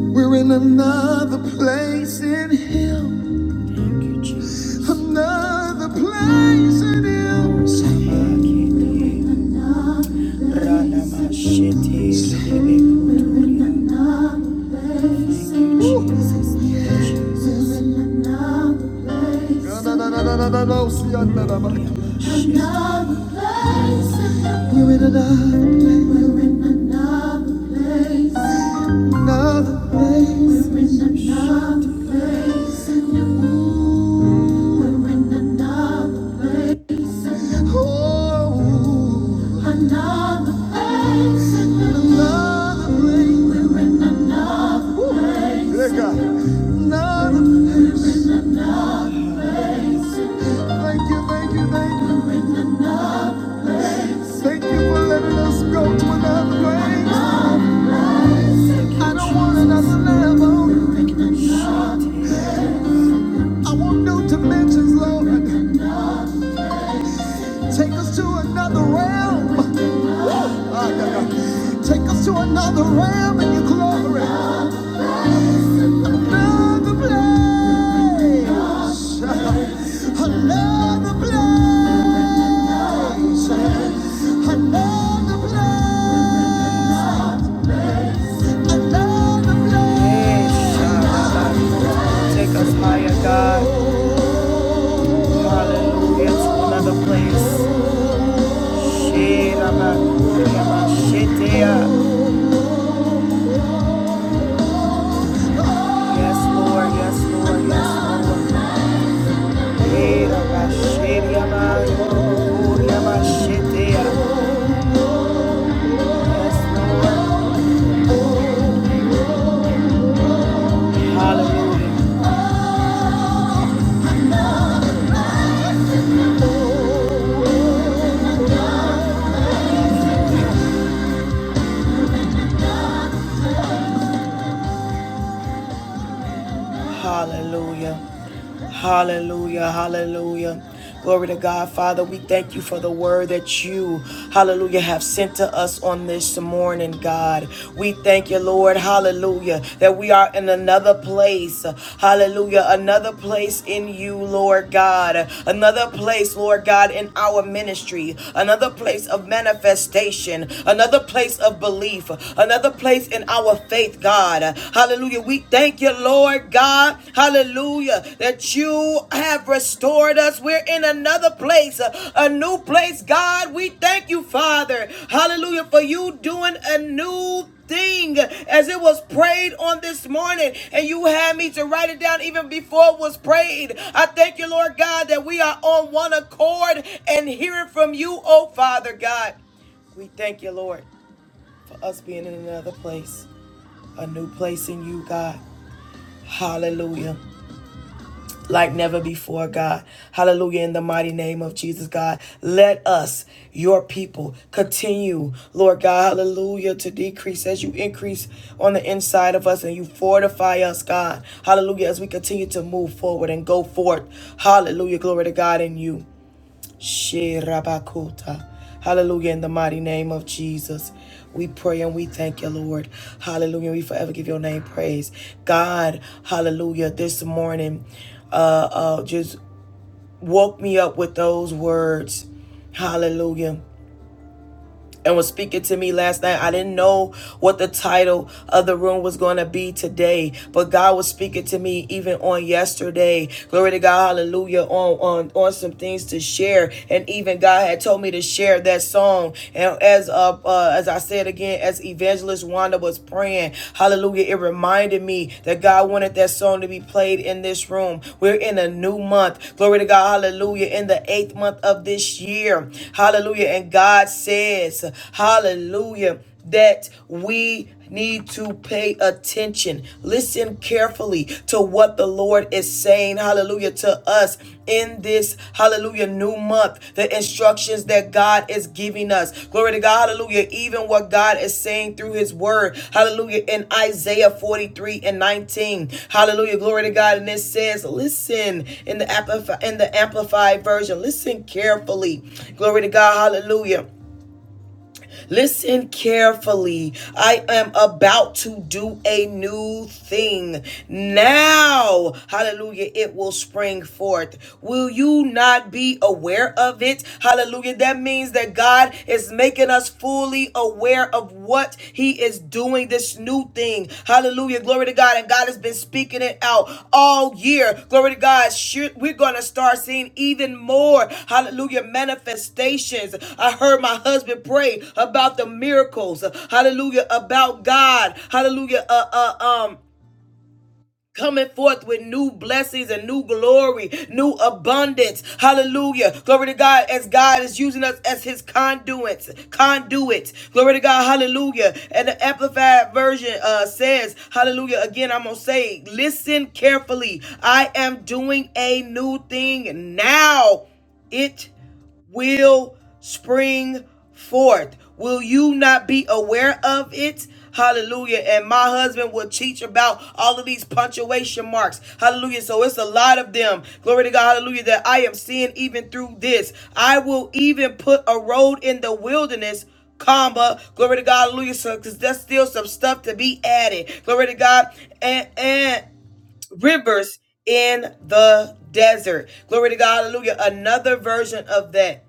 [SPEAKER 1] We're in another place in Him. Another place in Him. Say Another place, we're in another place, another place. we're in another place, and you- we're in another place, Oh, another place, we're in another place, Another place. Thank you, thank you, thank you. Thank you for letting us go to another place. I don't want another level. I want new dimensions, Lord. Take us to another realm. Ah, yeah, yeah. Take us to another realm in your glory. Another place. Another place. Another place. Another place. Yes, Take us higher, God. Hallelujah. To another place. Shirabakuriabashitea. Yes, Lord, yes, Lord, yes, Lord. Shirabashiriabayurukuriabashitea. Yes, Lord. Hallelujah. Hallelujah. Hallelujah. Hallelujah. Glory to God. Father, we thank you for the word that you, hallelujah, have sent to us on this morning, God. We thank you, Lord, hallelujah, that we are in another place. Hallelujah. Another place in you, Lord God. Another place, Lord God, in our ministry. Another place of manifestation. Another place of belief. Another place in our faith, God. God. Hallelujah. We thank you, Lord God. Hallelujah. That you have restored us. We're in another place, a, new place, God. We thank you, Father. Hallelujah. For you doing a new thing as it was prayed on this morning and you had me to write it down even before it was prayed i thank you lord god that we are on one accord and hearing from you oh father god we thank you lord for us being in another place a new place in you, God. Hallelujah. Like never before, God. Hallelujah. In the mighty name of Jesus, God. Let us, your people, continue, Lord God. Hallelujah. To decrease as you increase on the inside of us and you fortify us, God. Hallelujah. As we continue to move forward and go forth. Hallelujah. Glory to God in you. Shirabakota. Hallelujah. In the mighty name of Jesus, we pray and we thank you, Lord. Hallelujah. We forever give your name praise. God, hallelujah. This morning, uh, uh, just woke me up with those words. Hallelujah and was speaking to me last night. I didn't know what the title of the room was going to be today, but God was speaking to me even on yesterday. Glory to God, hallelujah, on on on some things to share. And even God had told me to share that song. And as uh, uh as I said again, as evangelist Wanda was praying, hallelujah, it reminded me that God wanted that song to be played in this room. We're in a new month. Glory to God, hallelujah, in the eighth month of this year. Hallelujah. And God said is. Hallelujah. That we need to pay attention. Listen carefully to what the Lord is saying, hallelujah, to us in this, hallelujah, new month. The instructions that God is giving us. Glory to God, hallelujah. Even what God is saying through his word, hallelujah, in Isaiah 43 and 19. Hallelujah, glory to God. And it says, listen in the, amplify, in the Amplified version, listen carefully. Glory to God, hallelujah Listen carefully. I am about to do a new thing. Now, hallelujah, it will spring forth. Will you not be aware of it? Hallelujah. That means that God is making us fully aware of what He is doing doing this new thing. Hallelujah. Glory to God. And God has been speaking it out all year. Glory to God. Sure, We're going to start seeing even more. Hallelujah. Manifestations. I heard my husband pray about the miracles. Hallelujah. About God. Hallelujah. Uh, uh, um, coming forth with new blessings and new glory, new abundance. Hallelujah. Glory to God as God is using us as his conduits, conduits. Glory to God. Hallelujah. And the amplified version uh says, hallelujah. Again, I'm going to say, listen carefully. I am doing a new thing now. It will spring forth. Will you not be aware of it? Hallelujah. And my husband will teach about all of these punctuation marks. Hallelujah. So it's a lot of them. Glory to God. Hallelujah. That I am seeing even through this. I will even put a road in the wilderness comma glory to god hallelujah So, because there's still some stuff to be added glory to god and and rivers in the desert. Glory to God. Hallelujah. Another version of that.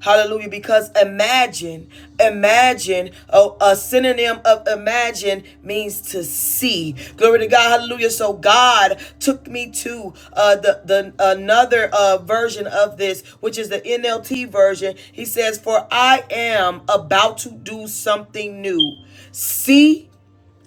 [SPEAKER 1] Hallelujah. Because imagine, imagine, oh, a synonym of imagine means to see. Glory to God. Hallelujah. So God took me to uh, the, the another uh, version of this, which is the NLT version. He says, For I am about to do something new. See?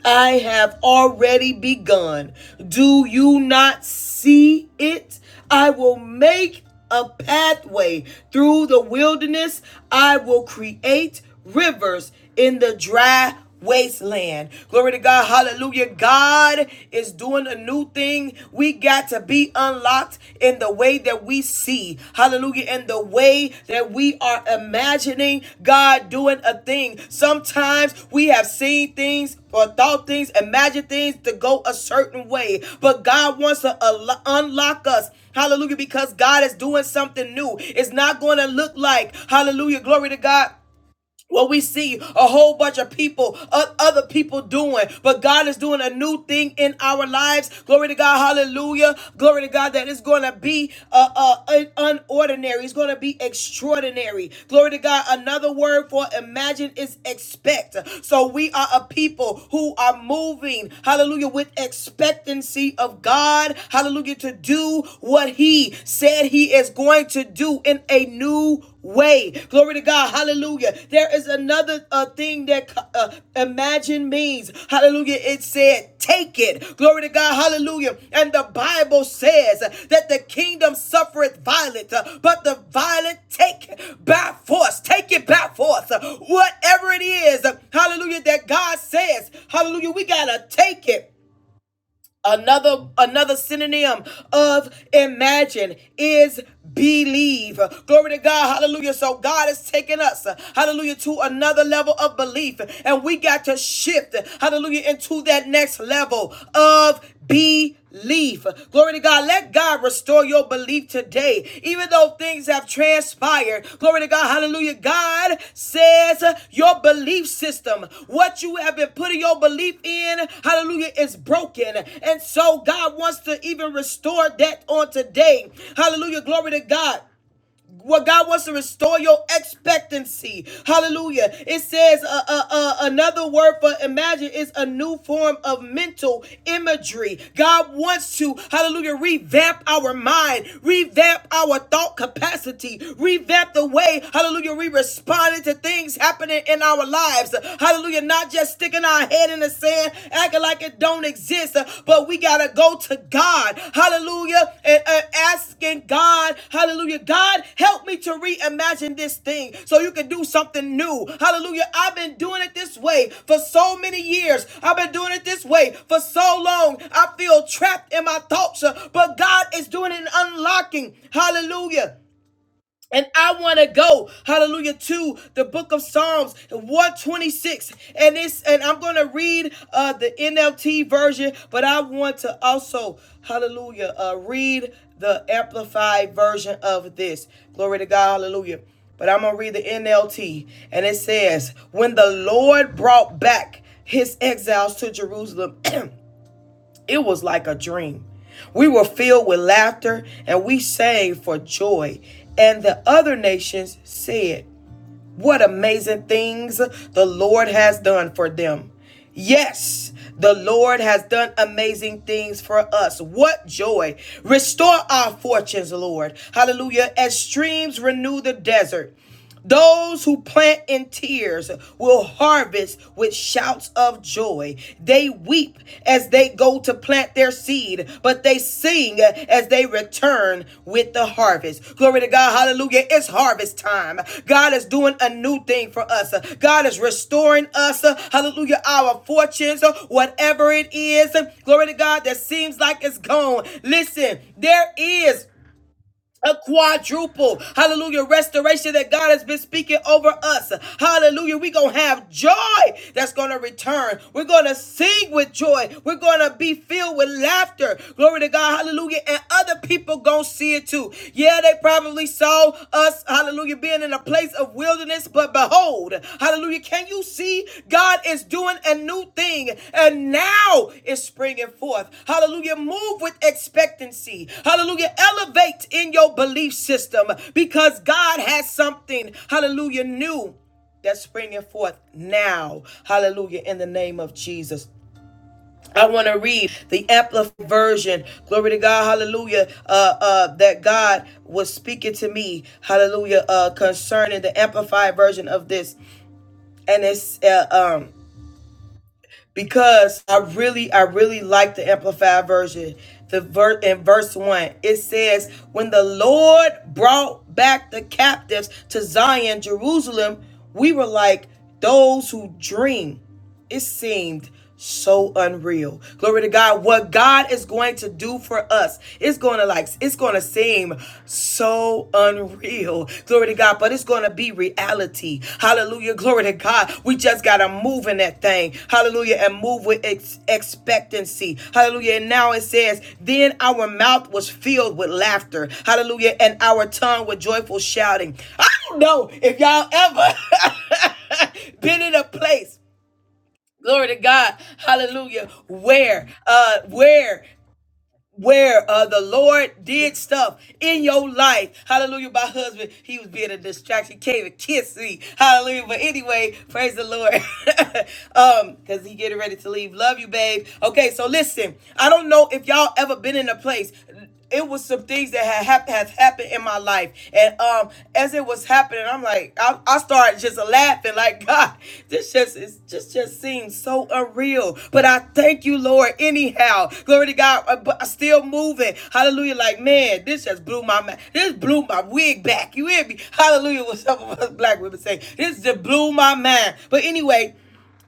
[SPEAKER 1] I have already begun. Do you not see it? I will make a pathway through the wilderness. I will create rivers in the dry wasteland. Glory to God. Hallelujah. God is doing a new thing. We got to be unlocked in the way that we see. Hallelujah. In the way that we are imagining God doing a thing. Sometimes we have seen things or thought things, imagined things to go a certain way. But God wants to al- unlock us. Hallelujah. Because God is doing something new. It's not going to look like, hallelujah, glory to God what we see a whole bunch of people other people doing but god is doing a new thing in our lives glory to god hallelujah glory to god that it's going to be uh, uh unordinary it's going to be extraordinary glory to god another word for imagine is expect so we are a people who are moving hallelujah with expectancy of god hallelujah to do what he said he is going to do in a new way. Glory to God. Hallelujah. There is another uh, thing that uh, imagine means. Hallelujah. It said, take it. Glory to God. Hallelujah. And the Bible says that the kingdom suffereth violence, uh, but the violent take it by force. Take it by force. Uh, Whatever it is, uh, hallelujah, that God says, hallelujah, we got to take it. Another another synonym of imagine is believe. Glory to God. Hallelujah. So God is taking us, hallelujah, to another level of belief. And we got to shift, hallelujah, into that next level of belief. Glory to God. Let God God, restore your belief today. Even though things have transpired, glory to God, hallelujah. God says uh, your belief system, what you have been putting your belief in, hallelujah, is broken. And so God wants to even restore that on today. Hallelujah, glory to God. What God wants to restore your expectancy. Hallelujah. It says uh, uh, uh, another word for imagine is a new form of mental imagery. God wants to, hallelujah, revamp our mind, revamp our thought capacity, revamp the way, hallelujah, we responded to things happening in our lives. Hallelujah. Not just sticking our head in the sand, amen, acting like it don't exist. Uh, But we got to go to God, hallelujah, and, and asking God, hallelujah, God, help me to reimagine this thing so you can do something new. Hallelujah. I've been doing it this way for so many years. I've been doing it this way for so long. I feel trapped in my thoughts, uh, but God is doing it and unlocking. Hallelujah. And I want to go, hallelujah, to the book of Psalms 126. And it's and I'm gonna read uh the NLT version, but I want to also, hallelujah, uh read the amplified version of this. Glory to God, hallelujah. But I'm gonna read the NLT, and it says, When the Lord brought back his exiles to Jerusalem. It was like a dream. We were filled with laughter and we sang for joy. And the other nations said, What amazing things the Lord has done for them. Yes, the Lord has done amazing things for us. What joy! Restore our fortunes, Lord. Hallelujah. As streams renew the desert. Those who plant in tears will harvest with shouts of joy. They weep as they go to plant their seed, but they sing as they return with the harvest. Glory to God. Hallelujah. It's harvest time. God is doing a new thing for us. God is restoring us. Hallelujah. Our fortunes, whatever it is. Glory to God that seems like it's gone. Listen, there is a quadruple hallelujah restoration that god has been speaking over us hallelujah we're gonna have joy that's gonna return we're gonna sing with joy we're gonna be filled with laughter glory to god hallelujah and other people gonna see it too yeah they probably saw us hallelujah being in a place of wilderness but behold, cold. Hallelujah. Can you see God is doing a new thing and now it's springing forth? Hallelujah. Move with expectancy. Hallelujah. Elevate in your belief system because God has something, hallelujah, new that's springing forth now. Hallelujah. In the name of Jesus. I want to read the amplified version. Glory to God. Hallelujah. Uh, uh, that God was speaking to me. Hallelujah. Uh, concerning the amplified version of this and it's uh, um because I really I really like the amplified version. The ver- in verse one it says, "When the Lord brought back the captives to Zion, Jerusalem, we were like those who dream." It seemed so unreal. Glory to God. What God is going to do for us, it's going to like, it's going to seem so unreal. Glory to God. But it's going to be reality. Hallelujah. Glory to God. We just got to move in that thing. Hallelujah. And move with ex- expectancy. Hallelujah. And now it says, then our mouth was filled with laughter. Hallelujah. And our tongue with joyful shouting. I don't know if y'all ever been in a place glory to god hallelujah where uh where where uh the lord did stuff in your life hallelujah my husband he was being a distraction he came and kissed me hallelujah but anyway praise the lord um because he getting ready to leave love you babe okay so listen i don't know if y'all ever been in a place it was some things that had hap- has happened in my life, and um, as it was happening, I'm like, I, I started just laughing, like God, this just is just just seems so unreal. But I thank you, Lord. Anyhow, glory to God. uh, But I'm still moving. Hallelujah. Like man, this just blew my ma- this blew my wig back. You hear me? Hallelujah. What some of us black women say? This just blew my mind. But anyway,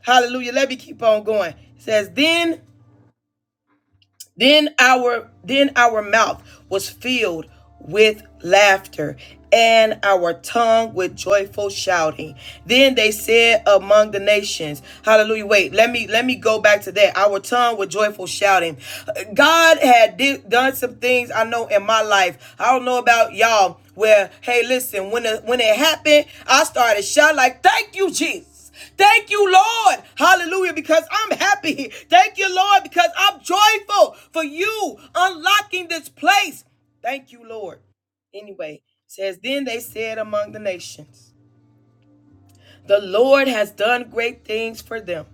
[SPEAKER 1] Hallelujah. Let me keep on going. It says then. Then our then our mouth was filled with laughter and our tongue with joyful shouting. Then they said among the nations, hallelujah. Wait, let me let me go back to that. Our tongue with joyful shouting. God had di- done some things I know in my life. I don't know about y'all where hey listen, when it, when it happened, I started shouting like thank you Jesus. Thank you, Lord. Hallelujah, because I'm happy. Thank you, Lord, because I'm joyful for you unlocking this place. Thank you, Lord. Anyway, it says, Then they said among the nations, The Lord has done great things for them.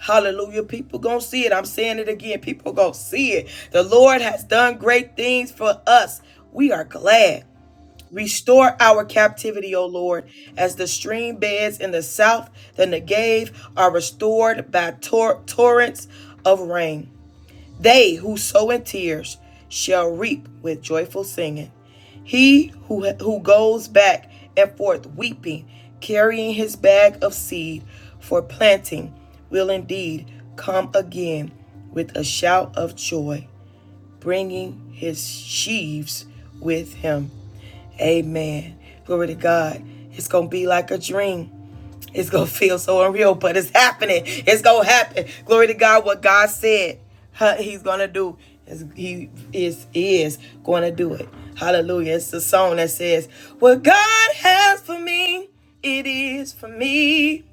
[SPEAKER 1] Hallelujah. People gonna see it. I'm saying it again. People gonna see it. The Lord has done great things for us. We are glad. Restore our captivity, O Lord, as the stream beds in the south, the Negev, are restored by tor- torrents of rain. They who sow in tears shall reap with joyful singing. He who, who goes back and forth weeping, carrying his bag of seed for planting, will indeed come again with a shout of joy bringing his sheaves with him. Amen. Glory to God. It's going to be like a dream. It's going to feel so unreal, but it's happening. It's going to happen. Glory to God. What God said huh, he's going to do, he is, is going to do it. Hallelujah. It's the song that says, What God has for me, it is for me.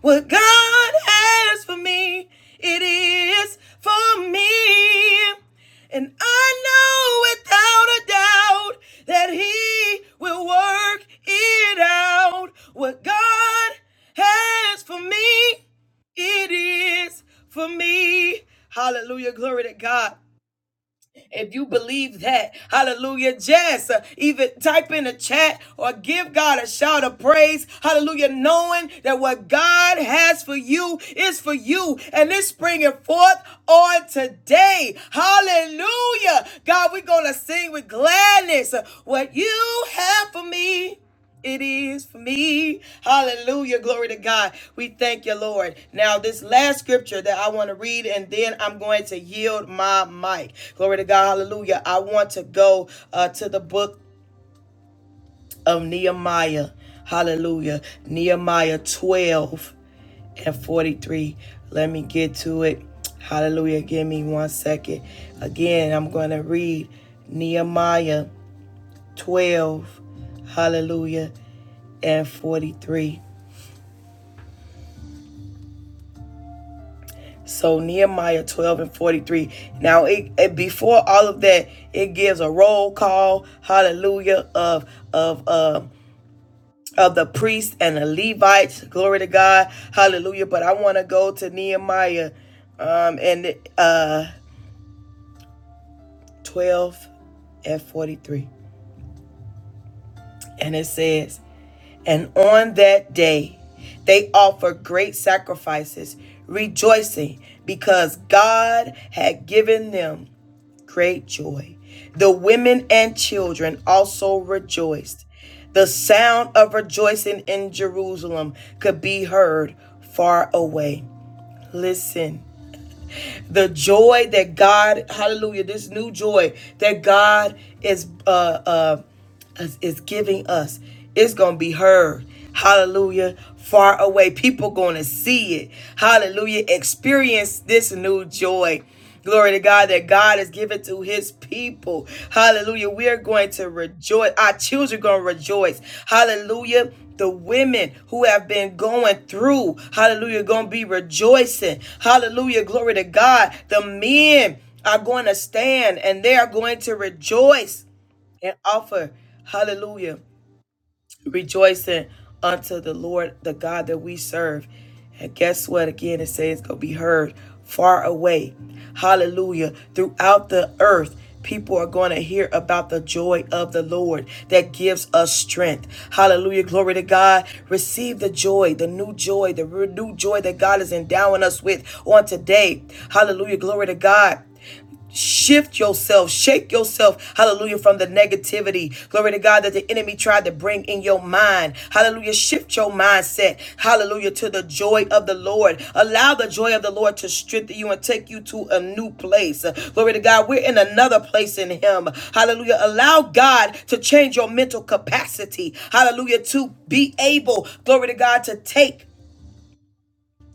[SPEAKER 1] What God has for me, it is for me. And I know without a doubt that He will work it out. What God has for me, it is for me. Hallelujah. Glory to God. If you believe that, hallelujah, just uh, even type in the chat or give God a shout of praise, hallelujah, knowing that what God has for you is for you and it's springing forth on today. Hallelujah. God, we're going to sing with gladness uh, what you have for me it is for me. Hallelujah. Glory to God. We thank you, Lord. Now, this last scripture that I want to read, and then I'm going to yield my mic. Glory to God. Hallelujah. I want to go uh, to the book of Nehemiah. Hallelujah. Nehemiah 12 and 43. Let me get to it. Hallelujah. Give me one second. Again, I'm going to read Nehemiah 12, hallelujah, and 43. So Nehemiah 12 and 43. Now, it, it- before all of that, it gives a roll call, hallelujah, of of um of the priests and the Levites. Glory to God, hallelujah. But I want to go to Nehemiah um and uh 12 and 43. And it says, And on that day, they offered great sacrifices, rejoicing because God had given them great joy. The women and children also rejoiced. The sound of rejoicing in Jerusalem could be heard far away. Listen the joy that God, hallelujah, this new joy that God is uh uh is, is giving us it's gonna be heard hallelujah far away people gonna see it hallelujah experience this new joy Glory to God that God has given to his people. Hallelujah. We are going to rejoice. Our children are going to rejoice. Hallelujah. The women who have been going through, hallelujah, going to be rejoicing. Hallelujah. Glory to God. The men are going to stand and they are going to rejoice and offer, hallelujah rejoicing unto the Lord, the God that we serve. And guess what? Again, it says it's going to be heard far away. Hallelujah. Throughout the earth, people are going to hear about the joy of the Lord that gives us strength. Hallelujah. Glory to God. Receive the joy, the new joy, the renewed joy that God is endowing us with on today. Hallelujah. Glory to God. Shift yourself, shake yourself, hallelujah, from the negativity. Glory to God that the enemy tried to bring in your mind. Hallelujah, shift your mindset, hallelujah, to the joy of the Lord. Allow the joy of the Lord to strengthen you and take you to a new place. Glory to God, we're in another place in Him. Hallelujah, allow God to change your mental capacity. Hallelujah, to be able, glory to God, to take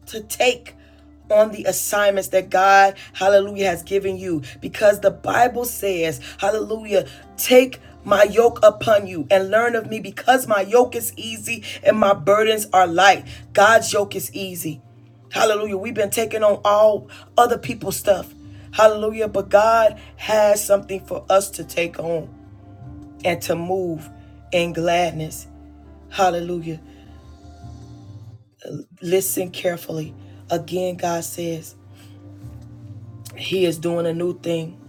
[SPEAKER 1] to take on the assignments that God, hallelujah, has given you. Because the Bible says, hallelujah, take my yoke upon you and learn of me because my yoke is easy and my burdens are light. God's yoke is easy. Hallelujah. We've been taking on all other people's stuff. Hallelujah. But God has something for us to take on and to move in gladness. Hallelujah. Listen carefully. Again, God says, He is doing a new thing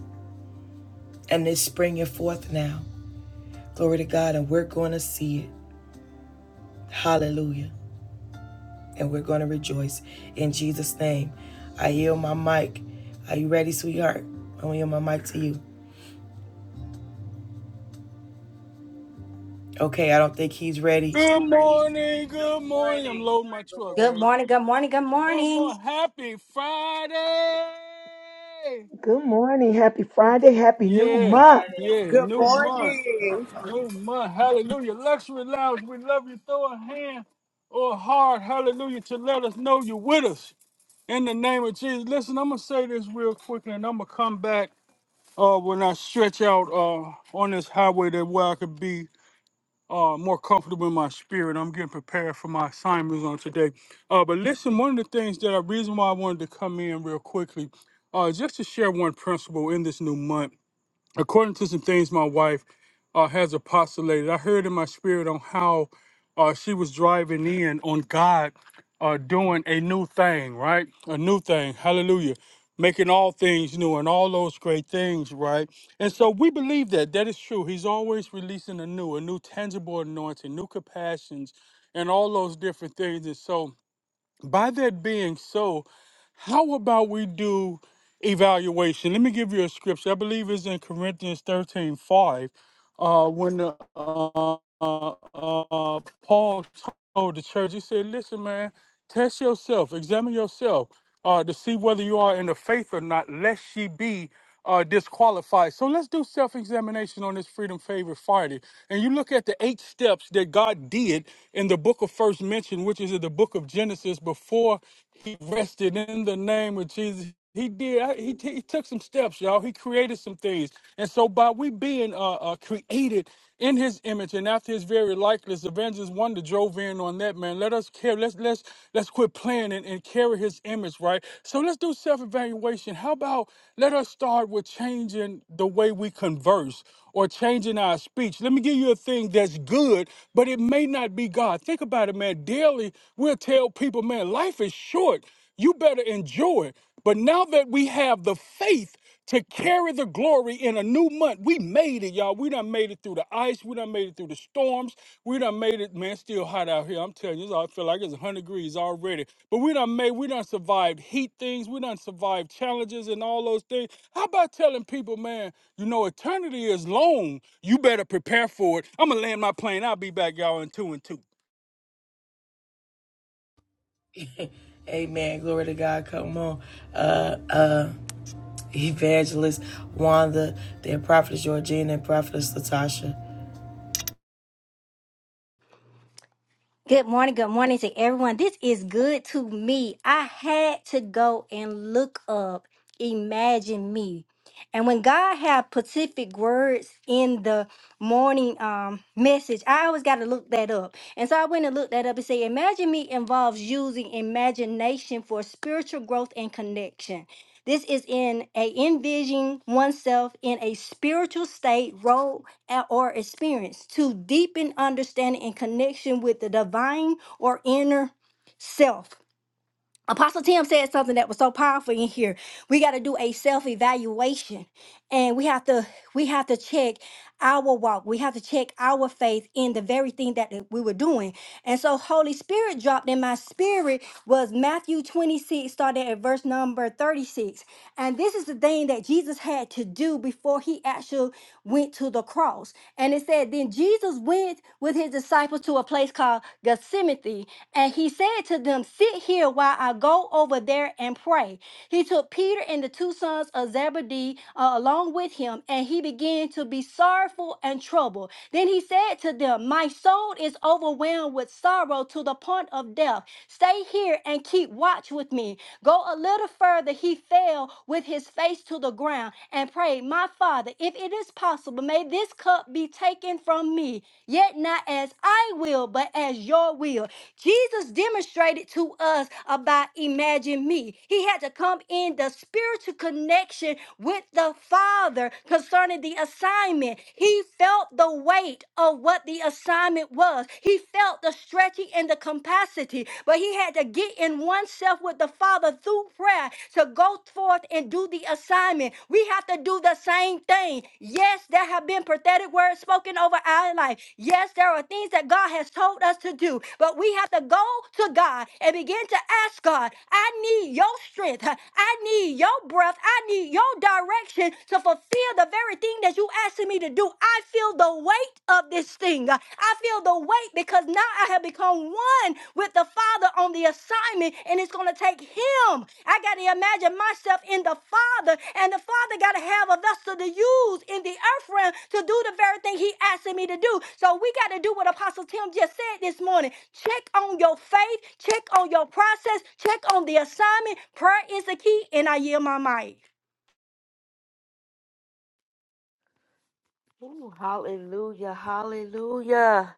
[SPEAKER 1] and it's springing forth now. Glory to God, and we're going to see it. Hallelujah. And we're going to rejoice in Jesus' name. I yield my mic. Are you ready, sweetheart? I'm going to yield my mic to you. Okay, I don't think he's ready.
[SPEAKER 4] Good morning. Happy Friday. Happy new month.
[SPEAKER 3] Good morning.
[SPEAKER 1] Amen. Glory to God. Come on. Uh uh Evangelist Wanda, then Prophetess Georgina and Prophetess Latasha.
[SPEAKER 2] Good morning. Good morning to everyone. This is good to me. I had to go and look up Imagine Me. And when God had specific words in the morning um, message, I always got to look that up. And so I went and looked that up and said, Imagine Me involves using imagination for spiritual growth and connection. This is in a envisioning oneself in a spiritual state, role a- or experience to deepen understanding and connection with the divine or inner self. Apostle Tim said something that was so powerful in here. We got to do a self-evaluation and we have to we have to check our walk. We have to check our faith in the very thing that we were doing. And so Holy Spirit dropped in my spirit was Matthew 26 starting at verse number 36. And this is the thing that Jesus had to do before he actually went to the cross. And it said then Jesus went with his disciples to a place called Gethsemane, and he said to them, Sit here while I go over there and pray. He took Peter and the two sons of Zebedee uh, along with him, and he began to be sorrowful and troubled. Then he said to them, My soul is overwhelmed with sorrow to the point of death. Stay here and keep watch with me. Go a little further, he fell with his face to the ground down and prayed, My Father, if it is possible, may this cup be taken from me, yet not as I will, but as your will. Jesus demonstrated to us about imagine me. He had to come in the spiritual connection with the Father concerning the assignment. He felt the weight of what the assignment was. He felt the stretching and the capacity, but he had to to get in oneself with the Father through prayer to go forth and do the assignment. We have to do the same thing. Yes, there have been prophetic words spoken over our life. Yes, there are things that God has told us to do, but we have to go to God and begin to ask God, I need your strength. I need your breath. I need your direction to fulfill the very thing that you asking me to do. I feel the weight of this thing. Uh, I feel the weight because now I have become one with the Father on the assignment, and it's going to take Him. I got to imagine myself in the Father, and the Father got to have a vessel to use in the earth realm to do the very thing He asking me to do. So we got to do what Apostle Tim just said this morning. Check on your faith, check on your process, check on the assignment. Prayer is the key, and I yield my mic.
[SPEAKER 5] Ooh, hallelujah, hallelujah,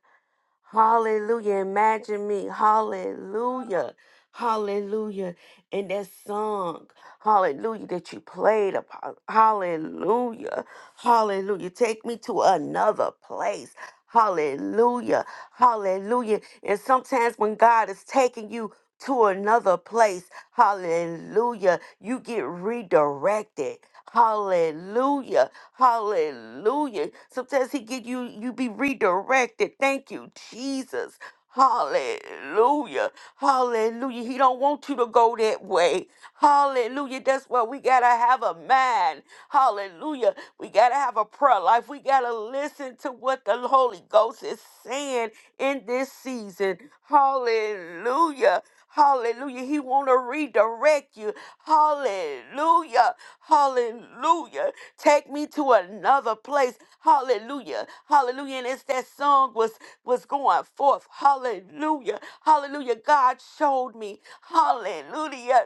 [SPEAKER 5] hallelujah. Imagine me, hallelujah, hallelujah. And that song, hallelujah, that you played upon, hallelujah, hallelujah. Take me to another place. Hallelujah, hallelujah. And sometimes when God is taking you to another place, hallelujah, you get redirected. Hallelujah. Hallelujah. Sometimes he get you, you be redirected. Thank you, Jesus. Hallelujah. Hallelujah. He don't want you to go that way. Hallelujah. That's why we gotta have a mind. Hallelujah. We gotta have a prayer life. We gotta listen to what the Holy Ghost is saying in this season. Hallelujah. Hallelujah. He want to redirect you. Hallelujah. Hallelujah. Take me to another place. Hallelujah. Hallelujah. And as that song was was going forth. Hallelujah. Hallelujah. God showed me. Hallelujah.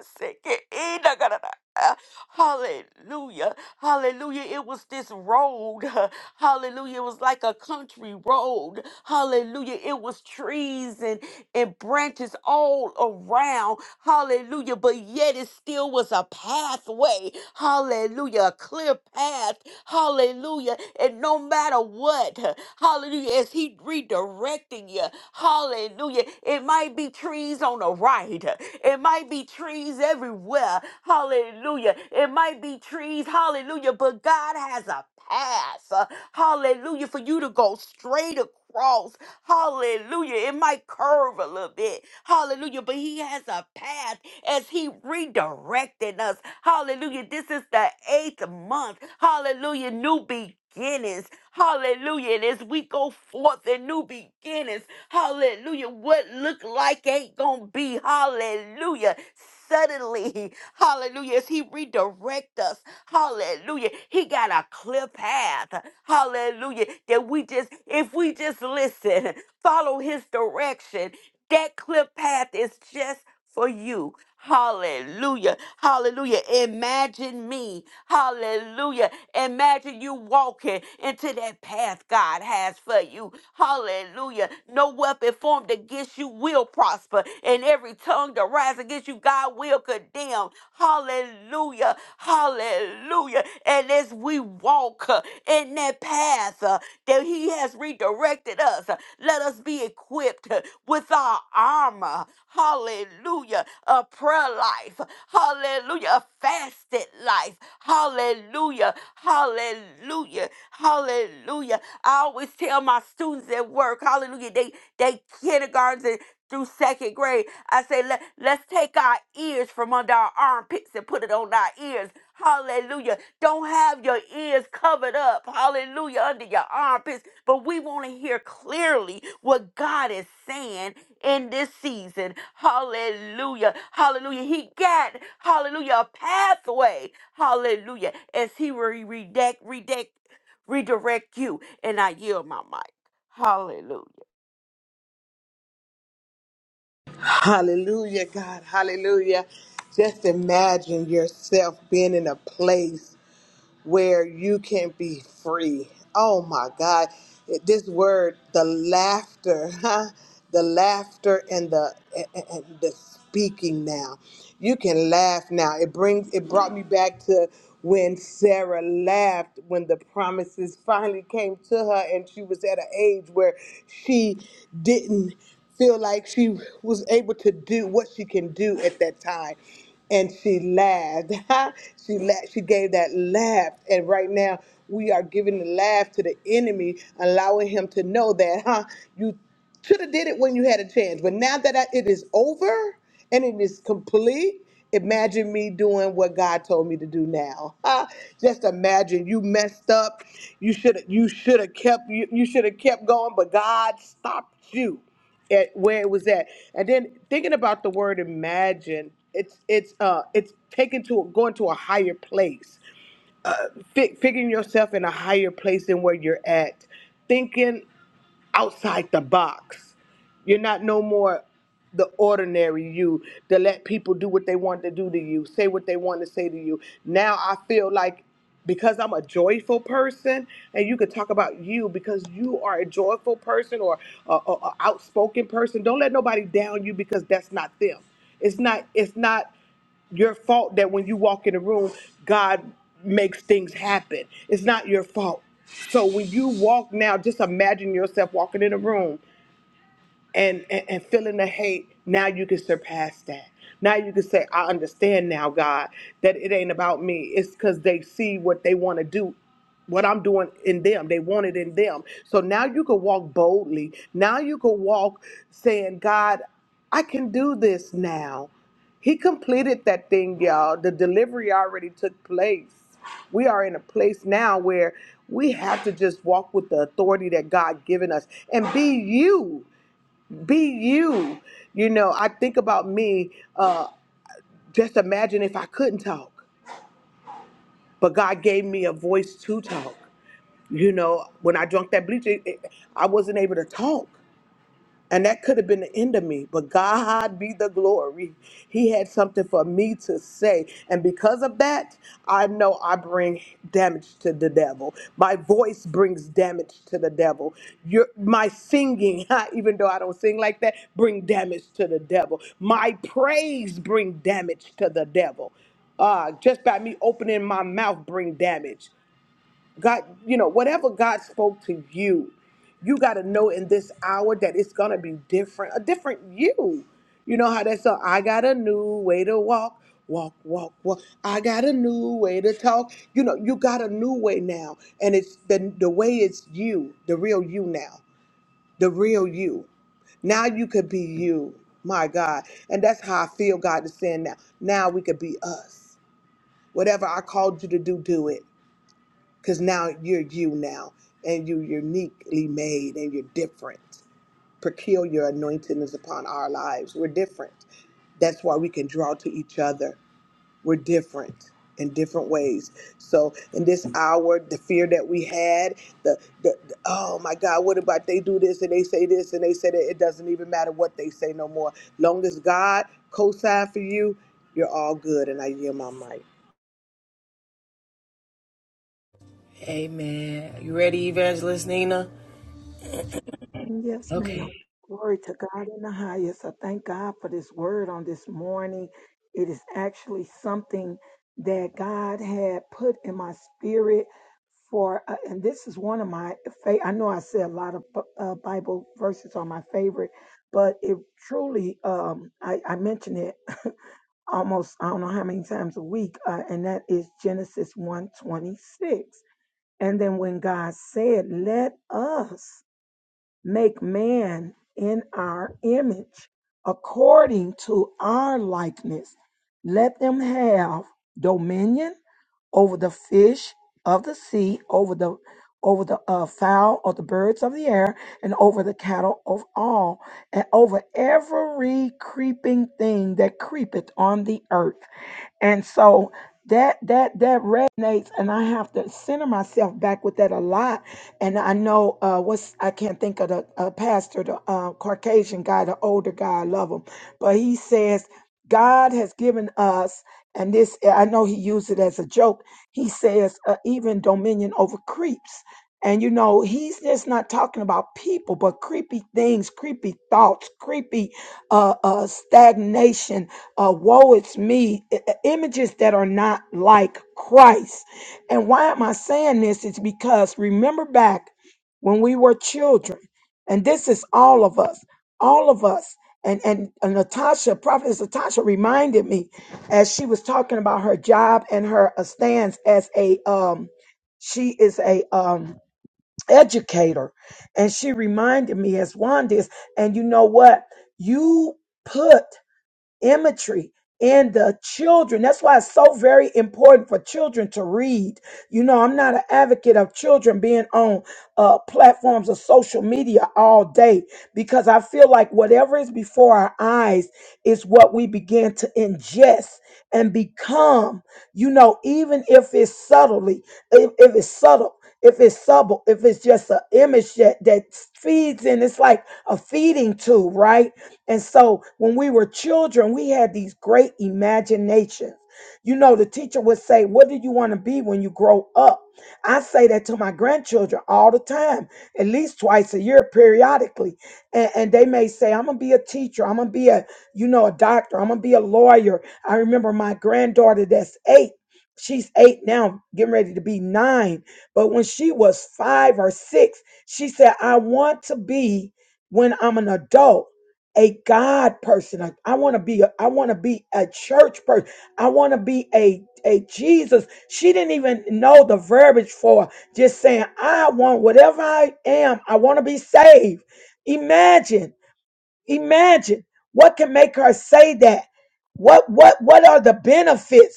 [SPEAKER 5] Hallelujah. Hallelujah. It was this road. Hallelujah. It was like a country road. Hallelujah. It was trees and, and branches all around. Hallelujah. But yet it still was a pathway. Hallelujah. A clear path Hallelujah. And no matter what, hallelujah, as He redirecting you, hallelujah, it might be trees on the right, it might be trees everywhere, hallelujah, it might be trees, hallelujah, but God has a path, hallelujah, for you to go straight across. Hallelujah. It might curve a little bit. Hallelujah. But he has a path as he redirected us. Hallelujah. This is the eighth month. Hallelujah. New beginnings. Hallelujah. And as we go forth in new beginnings, hallelujah, what look like ain't gonna be. Hallelujah. Suddenly, hallelujah, as he redirect us. Hallelujah. He got a clear path. Hallelujah. That we just, if we just listen, follow his direction, that clear path is just for you. Hallelujah. Hallelujah. Imagine me. Hallelujah. Imagine you walking into that path God has for you. Hallelujah. No weapon formed against you will prosper, and every tongue that rises against you, God will condemn. Hallelujah. Hallelujah. And as we walk uh, in that path, path uh, that He has redirected us. Let us be equipped uh, with our armor. Hallelujah. A prayer life. Hallelujah. A fasted life. Hallelujah. Hallelujah. Hallelujah. I always tell my students at work, hallelujah, they, they kindergartens and through second grade. I say, Let, let's take our ears from under our armpits and put it on our ears. Hallelujah. Don't have your ears covered up. Hallelujah. Under your armpits. But we want to hear clearly what God is saying in this season. Hallelujah. Hallelujah. He got, hallelujah, a pathway. Hallelujah. As he will redact, redact, redirect you. And I yield my mic. Hallelujah.
[SPEAKER 3] Hallelujah, God. Hallelujah. Just imagine yourself being in a place. where you can be free. Oh my God. This word, the laughter, huh? the laughter and the and and the speaking now. You can laugh now. It brings it brought me back to when Sarah laughed when the promises finally came to her and she was at an age where she didn't feel like she was able to do what she can do at that time and she laughed. she laughed. She gave that laugh. And right now, we are giving the laugh to the enemy, allowing him to know that, huh? You should have did it when you had a chance, but now that I, it is over and it is complete, imagine me doing what God told me to do now. Huh? Just imagine you messed up. You should you should have kept you, you should have kept going, but God stopped you at where it was at. And then thinking about the word imagine, it's it's uh it's taken to going to a higher place, Fi figuring yourself in a higher place than where you're at, thinking outside the box. You're not no more the ordinary you to let people do what they want to do to you, say what they want to say to you. Now I feel like because I'm a joyful person, and you could talk about you because you are a joyful person or a, a a outspoken person. Don't let nobody down you because that's not them. It's not. It's not your fault that when you walk in the room, God makes things happen. It's not your fault. So when you walk now, just imagine yourself walking in a room and, and and feeling the hate now you can surpass that now you can say i understand now god that it ain't about me it's because they see what they want to do what i'm doing in them they want it in them so now you can walk boldly now you can walk saying god i can do this now he completed that thing y'all the delivery already took place we are in a place now where we have to just walk with the authority that god given us and be you be you. You know, I think about me. Uh, just imagine if I couldn't talk, but God gave me a voice to talk. You know, when I drunk that bleach, it, it- I wasn't able to talk. And that could have been the end of me, but God be the glory. He had something for me to say. And because of that, I know I bring damage to the devil. My voice brings damage to the devil. Your, my singing, even though I don't sing like that, bring damage to the devil. My praise bring damage to the devil. Uh, just by me opening my mouth bring damage. God, you know, whatever God spoke to you, you got to know in this hour that it's going to be different, a different you. You know how that song, I got a new way to walk, walk, walk, walk. I got a new way to talk. You know, you got a new way now. And it's the, the way it's you, the real you now, the real you. Now you could be you, my God. And that's how I feel God is saying now. Now we could be us. Whatever I called you to do, do it because now you're you now and you're uniquely made and you're different peculiar anointing is upon our lives we're different that's why we can draw to each other we're different in different ways so in this hour the fear that we had the, the, the oh my god what about they do this and they say this and they say that it doesn't even matter what they say no more long as god co-sign for you you're all good and i yield my mic
[SPEAKER 1] Amen. You ready, Evangelist Nina?
[SPEAKER 4] Yes,
[SPEAKER 1] Okay.
[SPEAKER 4] ma'am. Glory to God in the highest. I thank God for this word on this morning. It is actually something that God had put in my spirit for, uh, and this is one of my favorite. I know I said a lot of B- uh, Bible verses are my favorite, but it truly, um, I, I mentioned it almost I don't know how many times a week, uh, and that is Genesis one twenty six. And then when God said, Let us make man in our image, according to our likeness, let them have dominion over the fish of the sea, over the over the uh, fowl of the birds of the air, and over the cattle of all, and over every creeping thing that creepeth on the earth. And so that that that resonates, and I have to center myself back with that a lot. And I know uh, what's I can't think of the uh, pastor, the uh, Caucasian guy, the older guy. I love him, but he says God has given us, and this I know he used it as a joke. He says uh, even dominion over creeps. And you know, he's just not talking about people, but creepy things, creepy thoughts, creepy uh, uh, stagnation, uh, woe it's me, i- i- images that are not like Christ. And why am I saying this? It's because remember back when we were children, and this is all of us, all of us. And, and, and Natasha, Prophetess Natasha reminded me as she was talking about her job and her uh, stance as a, um, she is a um, educator. And she reminded me as Wanda is, and you know what? You put imagery in the children. That's why it's so very important for children to read. You know, I'm not an advocate of children being on uh, platforms of social media all day because I feel like whatever is before our eyes is what we begin to ingest and become. You know, even if it's subtly, if, if it's subtle. If it's subtle, if it's just an image that, that feeds in, it's like a feeding tube, right? And so when we were children, we had these great imaginations. You know, the teacher would say, What do you want to be when you grow up? I say that to my grandchildren all the time, at least twice a year, periodically. And, and they may say, I'm gonna be a teacher, I'm gonna be a, you know, a doctor, I'm gonna be a lawyer. I remember my granddaughter that's eight. She's eight now, getting ready to be nine. But when she was five or six, she said, I want to be when I'm an adult a God person. I, I want to be a, I want to be a church person. I want to be a a Jesus. She didn't even know the verbiage for just saying, I want whatever I am, I want to be saved. Imagine, imagine what can make her say that. What what what are the benefits?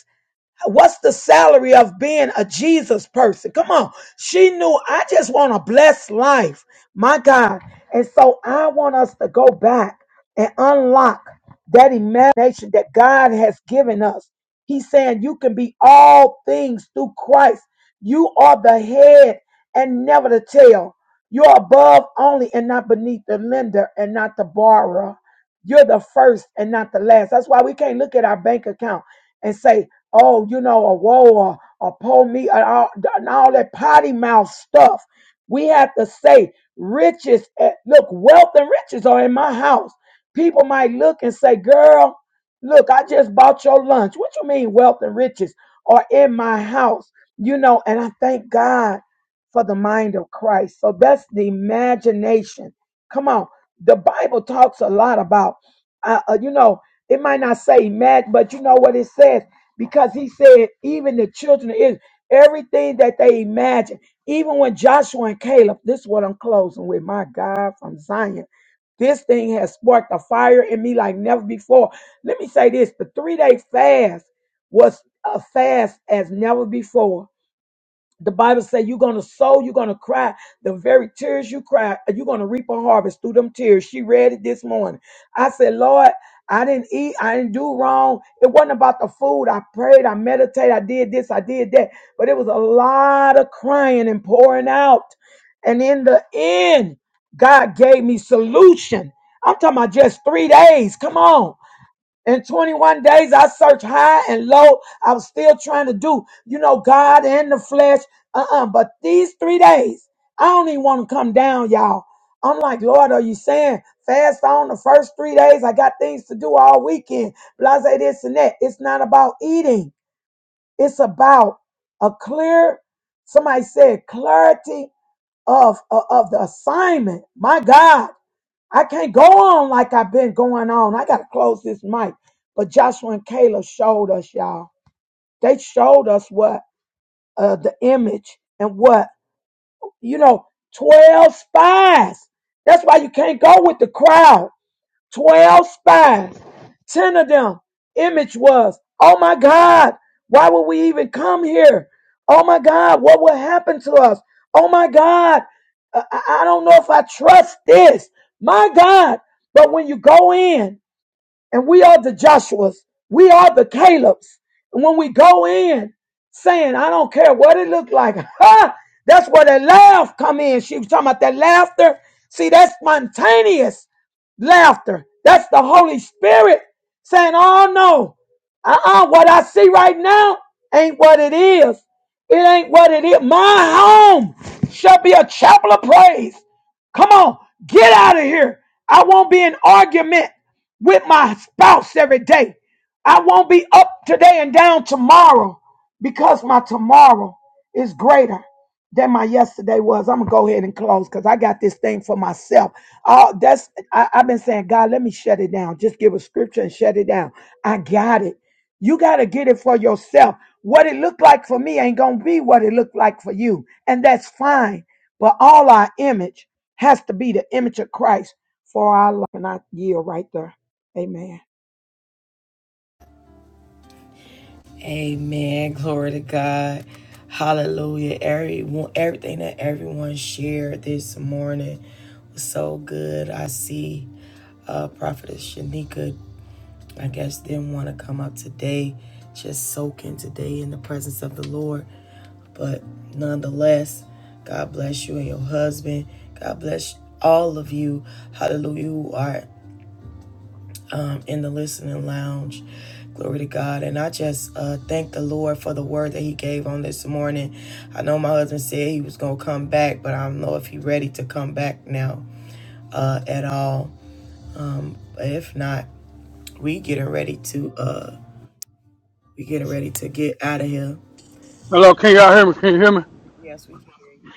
[SPEAKER 4] What's the salary of being a Jesus person? Come on. She knew I just want a blessed life. My God. And so I want us to go back and unlock that imagination that God has given us. He's saying you can be all things through Christ. You are the head and never the tail. You're above only and not beneath the lender and not the borrower. You're the first and not the last. That's why we can't look at our bank account and say, oh, you know, a whoa, or, or pull me, and all, and all that potty mouth stuff. We have to say, riches, eh, look, wealth and riches are in my house. People might look and say, girl, look, I just bought your lunch. What you mean, wealth and riches are in my house? You know, and I thank God for the mind of Christ. So that's the imagination. Come on. The Bible talks a lot about, uh, uh, you know, it might not say mad, but you know what it says? because he said even the children of Israel, everything that they imagine, even when Joshua and Caleb, this is what I'm closing with, my God from Zion. This thing has sparked a fire in me like never before. Let me say this: the three-day fast was a fast as never before the Bible says you're gonna sow, you're gonna cry. The very tears you cry, you're gonna reap a harvest through them tears. She read it this morning. I said, Lord, I didn't eat, I didn't do wrong. It wasn't about the food. I prayed, I meditated, I did this, I did that. But it was a lot of crying and pouring out. And in the end, God gave me solution. I'm talking about just three days. Come on. In 21 days, I searched high and low. I'm still trying to do, you know, God and the flesh. Uh-uh. But these three days, I don't even want to come down, y'all. I'm like, Lord, are you saying fast on the first three days? I got things to do all weekend. Blase this and that. It's not about eating. It's about a clear, somebody said clarity of, of, of the assignment. My God. I can't go on like I've been going on. I got to close this mic. But Joshua and Caleb showed us, y'all. They showed us what uh, the image and what, you know, 12 spies. That's why you can't go with the crowd. 12 spies. 10 of them image was, oh my God, why would we even come here? Oh my God, what will happen to us? Oh my God, I, I don't know if I trust this. My God. But when you go in, and we are the Joshuas, we are the Calebs. And when we go in saying, I don't care what it looked like, ha, that's where that laugh come in. She was talking about that laughter. See, that's spontaneous laughter. That's the Holy Spirit saying, Oh no, uh uh what I see right now ain't what it is. It ain't what it is. My home shall be a chapel of praise. Come on, get out of here. I won't be in argument with my spouse every day. I won't be up today and down tomorrow because my tomorrow is greater that my yesterday was. I'm gonna go ahead and close because I got this thing for myself. Oh, that's I, I've been saying, God, let me shut it down. Just give a scripture and shut it down. I got it. You gotta get it for yourself. What it looked like for me ain't gonna be what it looked like for you, and that's fine. But all our image has to be the image of Christ for our life. And I yield right there. Amen.
[SPEAKER 1] Amen. Glory to God. Hallelujah. Everyone, everything that everyone shared this morning was so good. I see uh, Prophetess Shanika, I guess, didn't want to come up today, just soaking today in the presence of the Lord. But nonetheless, God bless you and your husband. God bless all of you. Hallelujah. Who are um, in the listening lounge. Glory to God. And I just uh, thank the Lord for the word that He gave on this morning. I know my husband said he was going to come back, but I don't know if he's ready to come back now uh, at all. But if not, we getting ready to uh, we getting ready to get out of here. Yes, we can hear you.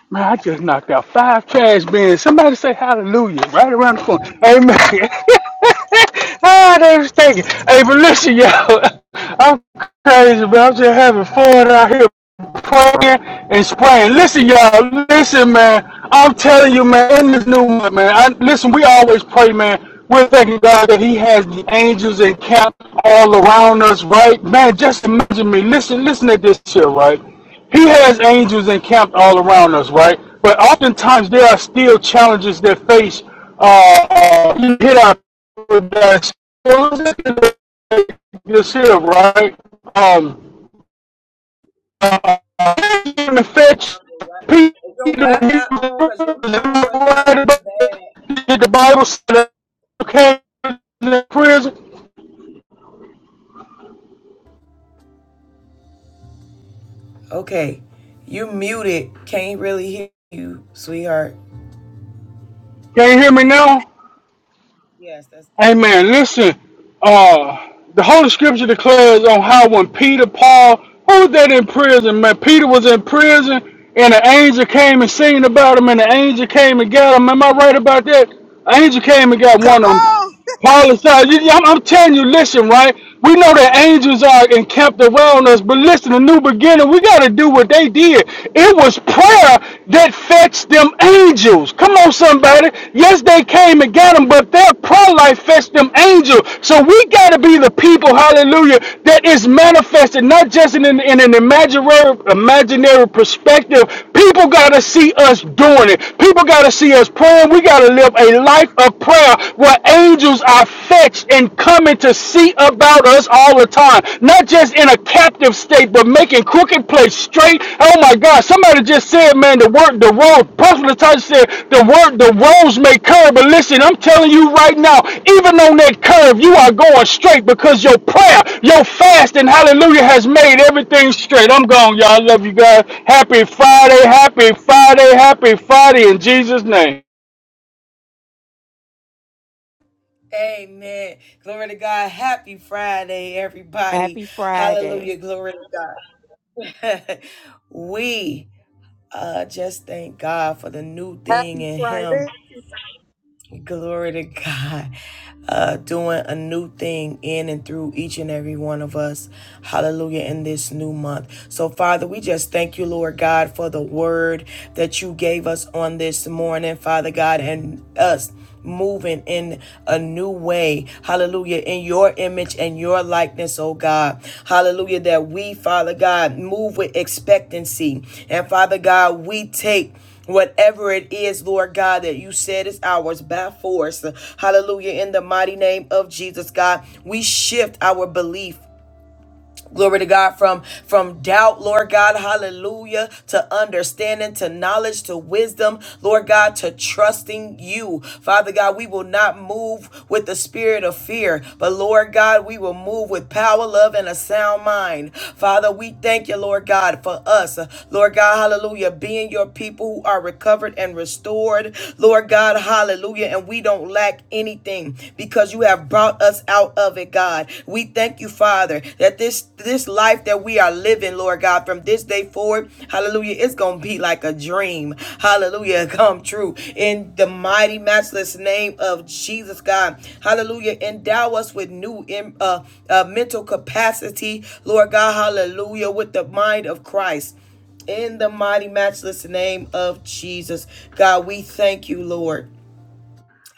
[SPEAKER 1] Hallelujah.
[SPEAKER 6] We're thanking God that He has the angels encamped all around us, right? Man, just imagine me. Listen, listen to this here, right? He has angels encamped all around us, right? But oftentimes there are still challenges that face uh, uh, hit our this here, right? Um, uh, in the fetch
[SPEAKER 1] I'm your Wi- Is your
[SPEAKER 6] Peter when he
[SPEAKER 1] Wi-Fi
[SPEAKER 6] was
[SPEAKER 1] on? Cause your phone breaking up
[SPEAKER 6] right
[SPEAKER 1] really
[SPEAKER 6] about
[SPEAKER 1] bad.
[SPEAKER 6] the Bible said okay in prison.
[SPEAKER 1] Okay, you muted. Can't really hear you, sweetheart.
[SPEAKER 6] Can you hear me now?
[SPEAKER 1] Yes, that's better.
[SPEAKER 6] Amen. Listen, uh, the Holy Scripture declares on how when Peter, Paul, who was that in prison, man? Peter was in prison, and an
[SPEAKER 3] Come on.
[SPEAKER 6] imaginary imaginary perspective, people gotta see us doing it. People gotta see us praying. We gotta live a life of prayer where angels are fetched and coming to see about us all the time. Not just in a captive state, but making crooked place straight. Oh my God! Somebody just said Hey, man, the word, the road, Pastor Tyson said, the word, the roads may curve, but listen, I'm telling you right now, even on that curve, you are going straight because your prayer, your fast, and hallelujah has made everything straight. I'm gone, y'all. I love you guys. Happy Friday, happy Friday, happy Friday in Jesus' name.
[SPEAKER 1] Amen. Glory to God. Happy Friday, everybody.
[SPEAKER 5] Happy Friday.
[SPEAKER 1] Hallelujah. Glory to God. we uh, just thank God for the new thing
[SPEAKER 3] happy
[SPEAKER 1] in Him.
[SPEAKER 3] friday
[SPEAKER 1] Glory to God. Uh, doing a new thing in and through each and every one of us. Hallelujah. In this new month. So, Father, we just thank you, Lord God, for the word that you gave us on this morning, Father God, and us moving in a new way. Hallelujah. In your image and your likeness, oh God. Hallelujah. That we, Father God, move with expectancy. And Father God, we take whatever it is, Lord God, that you said is ours by force. Hallelujah. In the mighty name of Jesus, God, we shift our belief. Glory to God from from doubt, Lord God, hallelujah, to understanding, to knowledge, to wisdom, Lord God, to trusting you. Father God, we will not move with the spirit of fear, but Lord God, we will move with power, love, and a sound mind. Father, we thank you, Lord God, for us. Lord God, hallelujah, being your people who are recovered and restored. Lord God, hallelujah, and we don't lack anything because you have brought brought us out of it, God. We thank you, Father, that this this life that we are living, Lord God, from this day forward, hallelujah, it's gonna be like a dream. Hallelujah, come true. In the mighty matchless name of Jesus, God. Hallelujah. Endow us with new uh, uh, mental capacity, Lord God, hallelujah, with the mind of Christ. In the mighty matchless name of Jesus. God, we thank you, Lord.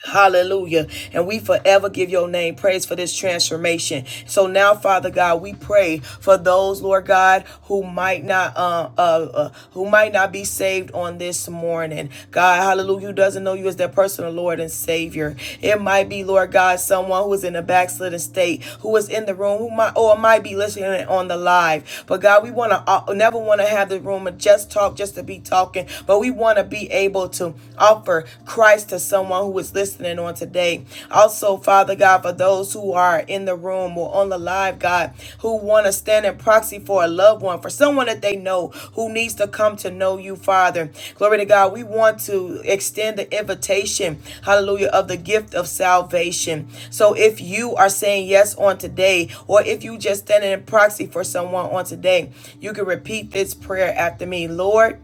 [SPEAKER 1] Hallelujah. And we forever give your name praise for this transformation. So now, Father God, we pray for those, Lord God, who might not uh, uh, uh who might not be saved on this morning. God, hallelujah, who doesn't know you as their personal Lord and Savior. It might be, Lord God, someone who is in a backslidden state, who is in the room, who might or might be listening on the live. But God, we want to uh, never want to have the room of just talk just to be talking, but we want to be able to Offer Christ to someone who is listening on today. Also, Father God, for those who are in the room or on the live, God, who want to stand in proxy for a loved one, for someone that they know who needs to come to know you, Father. Glory to God. We want to extend the invitation, hallelujah, of the gift of salvation. So if you are saying yes on today, or if you just standing in proxy for someone on today, you can repeat this prayer after me. Lord,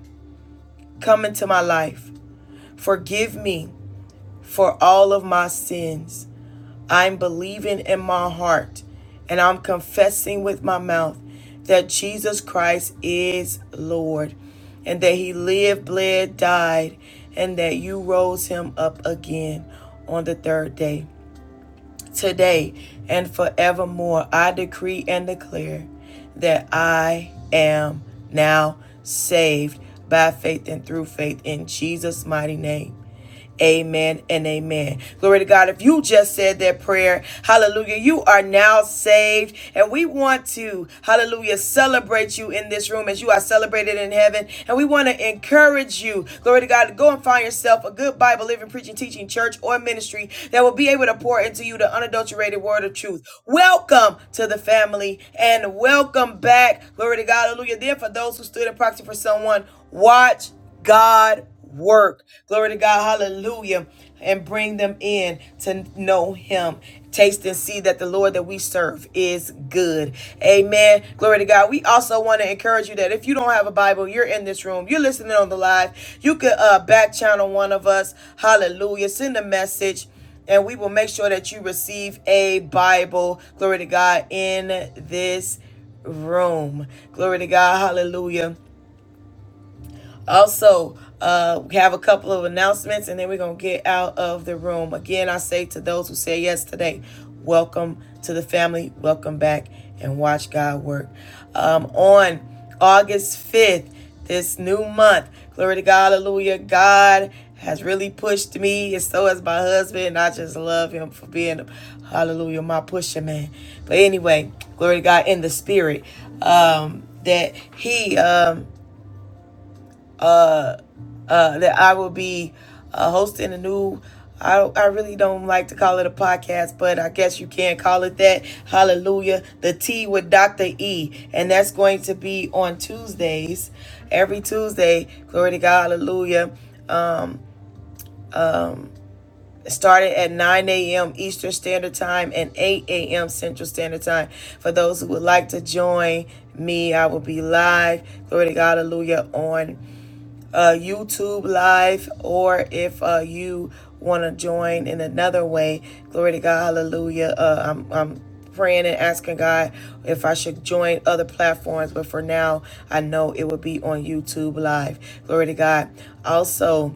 [SPEAKER 1] come into my life. Forgive me for all of my sins. I'm believing in my heart and I'm confessing with my mouth that Jesus Christ is Lord and that he lived, bled, died, and that you rose him up again on the third day. Today and forevermore, I decree and declare that I am now saved by faith and through faith in Jesus' mighty name. Amen and amen. Glory to God. If you just said that prayer, hallelujah, you are now saved. And we want to, hallelujah, celebrate you in this room as you are celebrated in heaven. And we want to encourage you, glory to God, to go and find yourself a good Bible, living, preaching, teaching church or ministry that will be able to pour into you the unadulterated word of truth. Welcome to the family and welcome back. Glory to God. Hallelujah. Then for those who stood in proxy for someone, watch God work. Glory to God. Hallelujah. And bring them in to know him. Taste and see that the Lord that we serve is good. Amen. Glory to God. We also want to encourage you that if you don't have a Bible, you're in this room, you're listening on the live, you could uh, back channel one of us. Hallelujah. Send a message and we will make sure that you receive a Bible. Glory to God in this room. Glory to God. Hallelujah. Also, uh, we have a couple of announcements and then we're going to get out of the room. Again, I say to those who say yes today, welcome to the family, welcome back, and watch God work. Um, on August 5th, this new month, glory to God, hallelujah, God has really pushed me, and so has my husband. I just love him for being, hallelujah, my pusher man. But anyway, glory to God in the spirit. Um, that he um uh, uh, that I will be uh, hosting a new. I, I really don't like to call it a podcast, but I guess you can call it that. Hallelujah. The Tea with Dr. E. And that's going to be on Tuesdays, every Tuesday. Glory to God. Hallelujah. Started at 9 a.m. Eastern Standard Time and 8 a.m. Central Standard Time. For those who would like to join me, I will be live. Glory to God. Hallelujah. On uh, YouTube live, or if uh, you want to join in another way, glory to God, hallelujah. Uh, I'm, I'm praying and asking God if I should join other platforms, but for now, I know it will be on YouTube live. Glory to God. Also,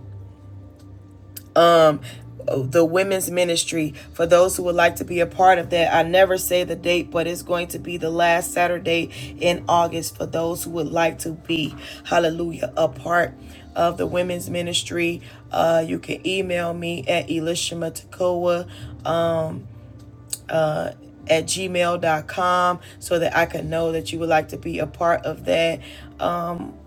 [SPEAKER 1] the women's ministry for those who would like to be a part of that. I never say the date, but it's going to be the last Saturday in August for those who would like to be, hallelujah, a part of the women's ministry. Uh, you can email me at elishimatakoa uh, at gmail dot com so that I can know that you would like to be a part of that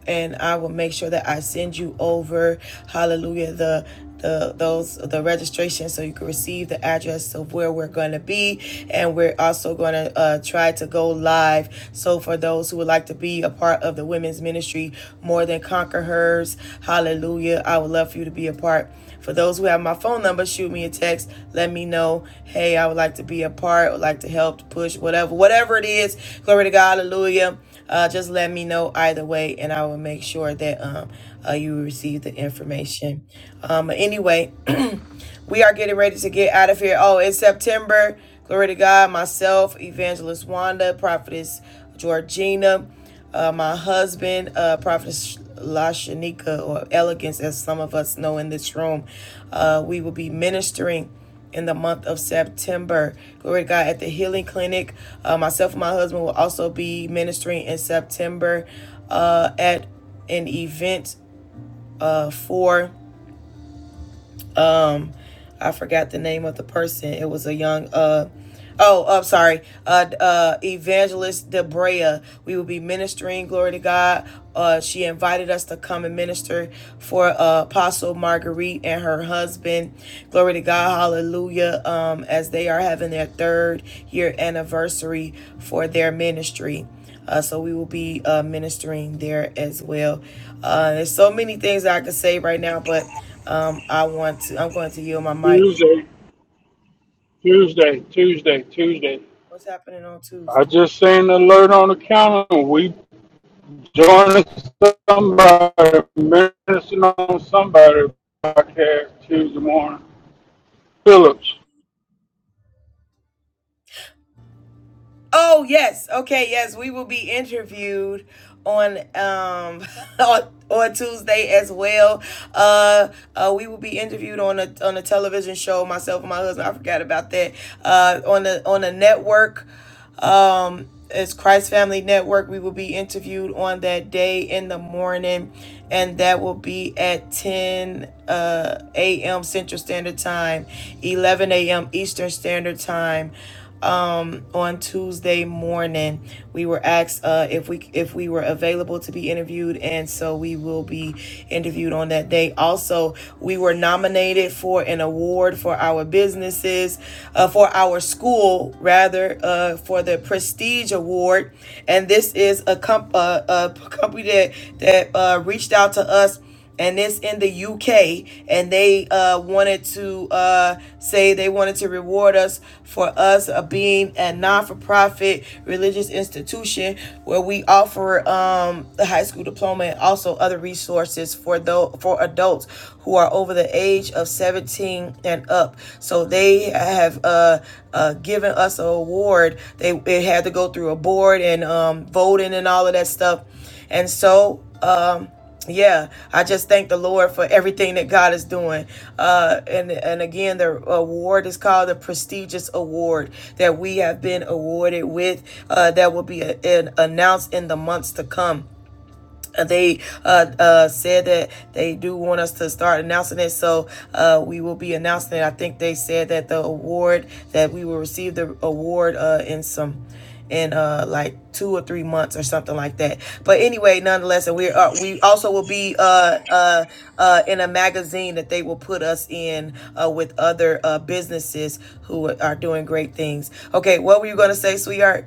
[SPEAKER 1] and I will make sure that I send you over, hallelujah, the the those the registration so you can receive the address of where we're going to be and we're also going to uh, try to go live so for those who would like to be a part of the women's ministry more than conquer hers hallelujah i would love for you to be a part for those who have my phone number shoot me a text let me know hey i would like to be a part would like to help push whatever whatever it is glory to god hallelujah uh, just let me know either way, and I will make sure that um, uh, you receive the information. Um, anyway, We are getting ready to get out of here. Oh, it's September. Glory to God. Myself, Evangelist Wanda, Prophetess Georgina, uh, my husband, uh, Prophetess Lashanika, or Elegance, as some of us know in this room. Uh, we will be ministering in the month of September. Glory to God at the Healing Clinic. Uh, myself and my husband will also be ministering in September uh, at an event uh, for I forgot the name of the person. It was a young uh oh, I'm sorry, uh uh evangelist Debrea. We will be ministering, glory to God. Uh she invited us to come and minister for uh Apostle Marguerite and her husband. Glory to God, hallelujah. Um as they are having their third year anniversary for their ministry. Uh, so we will be uh, ministering there as well. Uh, there's so many things I could say right now, but um, I want to. I'm going to yield my mic.
[SPEAKER 6] Tuesday, Tuesday, Tuesday, Tuesday.
[SPEAKER 1] What's happening on
[SPEAKER 6] I
[SPEAKER 1] Tuesday?
[SPEAKER 6] just seen the alert on the calendar. We joining somebody, ministering on somebody podcast Tuesday morning. Phillips.
[SPEAKER 1] Oh yes, okay, yes. We will be interviewed on um on, on Tuesday as well. Uh, uh, we will be interviewed on a on a television show. Myself and my husband. I forgot about that. Uh, on the on the network. um, as Christ Family Network. We will be interviewed on that day in the morning, and that will be at 10 uh, a.m. Central Standard Time, 11 a.m. Eastern Standard Time. Um, on Tuesday morning, we were asked uh, if we if we were available to be interviewed, and so we will be interviewed on that day. Also, we were nominated for an award for our business businesses uh, for our school, rather, uh, for the Prestige Award. And this is a, comp- uh, a company that, that uh, reached out to us and it's in the UK, and they uh, wanted to uh, say they wanted to reward us for us uh, being a non-for-profit religious institution where we offer um, the high school diploma and also other resources for the for adults adults who are over the age of 17 and up. So they have uh, uh, given us an award. They it had to go through a board and um, voting and all of that stuff. And so um, yeah, I just thank the Lord for everything that God is doing. Uh, and and again, the award is called the prestigious award that we have been awarded with. Uh, that will be uh, an- announced in the months to come. Uh, they uh, uh, said that they do want us to start announcing it, so uh, we will be announcing it. I think they said that the award that we will receive the award uh, in some in uh like two or three months or something like that but anyway nonetheless and we're uh, we also will be uh uh uh in a magazine that they will put us in uh with other uh businesses who are doing great things okay what were you gonna say sweetheart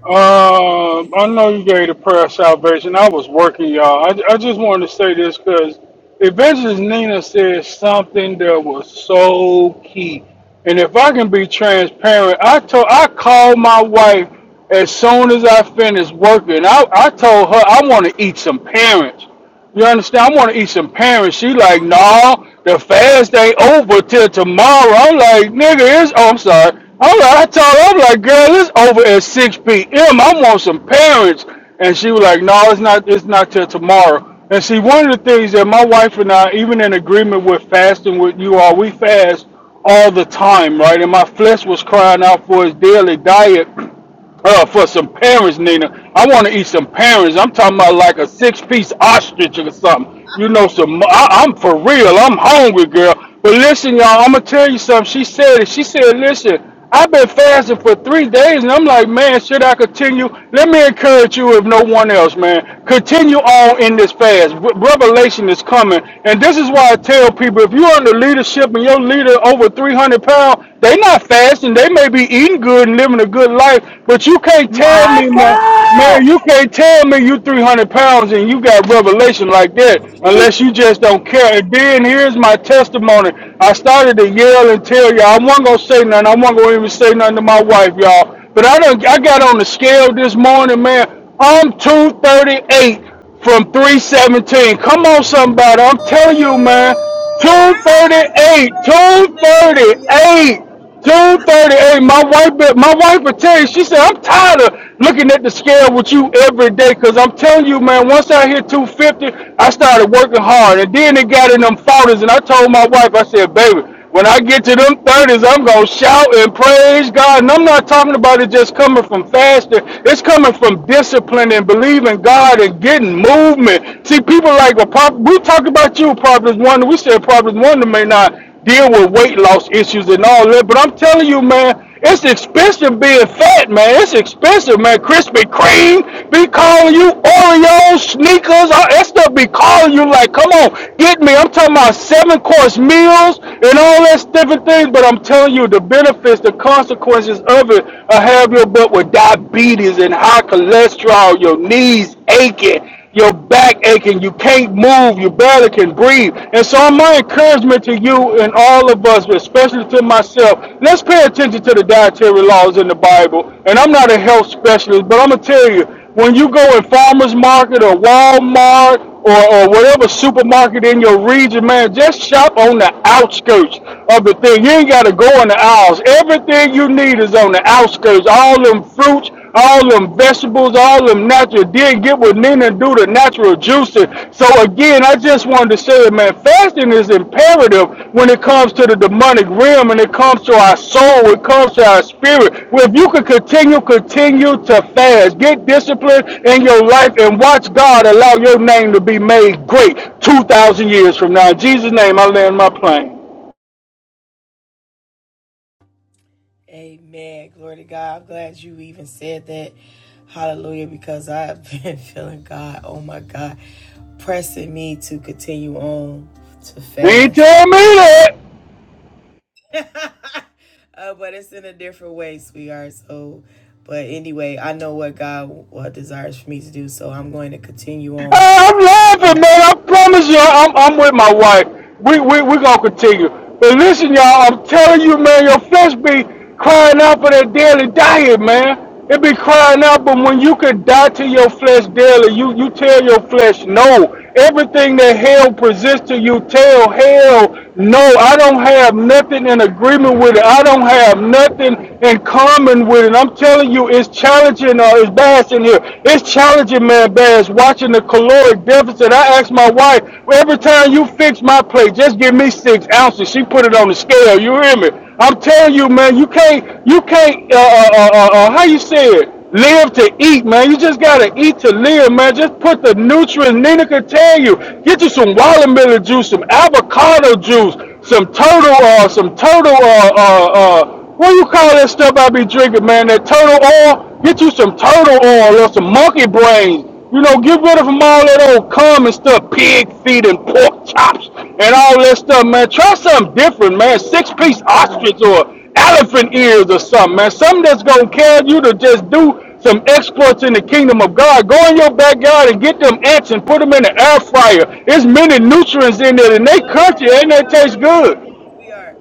[SPEAKER 6] Right? All right, I told her, I'm like, girl, it's over at 6 p.m. I want some parents. And she was like, no, it's not, it's not till tomorrow. And see, one of the things that my wife and I, even in agreement with fasting with you all, we fast all the time, right? And my flesh was crying out for his daily diet. uh, for some parents, Nina. I want to eat some parents. I'm talking about like a six piece ostrich or something. You know, some. I, I'm for real. I'm hungry, girl. But listen, y'all. I'm gonna tell you something. She said it. She said, "Listen, I've been fasting for three days, and I'm like, man, should I continue? Let me encourage you, if no one else, man, continue on in this fast. Re- Revelation is coming, and this is why I tell people: if you're under leadership and your leader over 300 pounds, they they not fasting. They may be eating good and living a good life, but you can't tell
[SPEAKER 4] My
[SPEAKER 6] me, man,
[SPEAKER 4] God,
[SPEAKER 6] man, you can't tell me you 300 pounds and you got revelation like that
[SPEAKER 4] Jesus,
[SPEAKER 6] unless you just don't care. And then here's my testimony. I started to yell and tell y'all. I wasn't going to say nothing. I wasn't going to even say nothing to my wife, y'all. But I, done, I got on the scale this morning, man. I'm 238 from 317. Come on, somebody. I'm telling you, man.
[SPEAKER 1] Yeah,
[SPEAKER 6] 238,
[SPEAKER 1] man, yeah.
[SPEAKER 6] 238, 238. My wife, my wife would tell you, she said, I'm tired of looking at the scale with you every day because I'm telling you, man, once I hit 250, I started working hard. And then it got in them 40s, and I told my wife, I said, baby, when I get to them 30s, I'm going to shout and praise God. And I'm not talking about it just coming from fasting. It's coming from discipline and believing God and getting movement. See, people like, well, we talk about you, Proverbs 1. We said Proverbs 1 may not deal with weight loss issues and all that. But I'm telling you, man, it's expensive being fat, man. It's expensive, man. Krispy Kreme be calling you Oreos, sneakers, all that stuff be calling you like, come on, get me. I'm talking about seven course meals and all that different things. But I'm telling you, the benefits, the consequences of it, I have your butt with diabetes and high cholesterol, your knees aching, your back aching, you can't move, you barely can breathe. And so, my encouragement to you and all of us, but especially to myself, let's pay attention to the dietary laws in the Bible. And I'm not a health specialist, but I'm gonna tell you when you go in farmers market or Walmart or, or whatever supermarket in your region, man, just shop on the outskirts of the thing. You ain't got to go in the aisles. Everything you need is on the outskirts. All them fruits, all them vegetables, all them natural. Then get with Nina and do the natural juicing. So again, I just wanted to say, that, man, fasting is imperative when it comes to the demonic realm, and it comes to our soul, it comes to our spirit. Well, if you can continue, continue to fast, get discipline in your life, and watch God allow your name to be made great 2,000 years from now. In Jesus' name, I land my plane.
[SPEAKER 1] Amen. Glory to God. I'm glad you even said that. Hallelujah. Because I have been feeling God, oh my God, pressing me to continue on to
[SPEAKER 6] He ain't
[SPEAKER 1] fast.
[SPEAKER 6] tell me that.
[SPEAKER 1] Uh, but it's in a different way, sweetheart. So, but anyway, I know what God uh, desires for me to do. So I'm going to continue on
[SPEAKER 6] Hey, I'm
[SPEAKER 1] um,
[SPEAKER 6] laughing, man. I promise you, I'm, I'm with my wife. We we we gonna continue. But listen, y'all, I'm telling you, man, your flesh be crying out for that daily diet, man. It be crying out, but when you can die to your flesh daily, you you tell your flesh no. to eat to live, man. Just put the nutrients Nina can tell you. Get you some watermelon juice, some avocado juice, some turtle, uh, some turtle, uh, uh, uh, what do you call that stuff I be drinking, man? That turtle oil. Get you some turtle oil or some monkey brains you know, get rid of them all that old common stuff, pig feet and pork chops and all that stuff, man. Try something different, man. Six
[SPEAKER 4] Oh, my
[SPEAKER 6] piece
[SPEAKER 4] God,
[SPEAKER 6] ostrich or elephant ears or something, man. Something that's gonna carry you to just do some exploits in the kingdom of God. Go in your backyard and get them ants and put them in the air fryer. There's many nutrients in there, and they
[SPEAKER 1] No,
[SPEAKER 6] crunchy
[SPEAKER 1] that
[SPEAKER 6] and they
[SPEAKER 1] sounds
[SPEAKER 6] taste
[SPEAKER 1] so
[SPEAKER 6] good.
[SPEAKER 1] nasty. We are,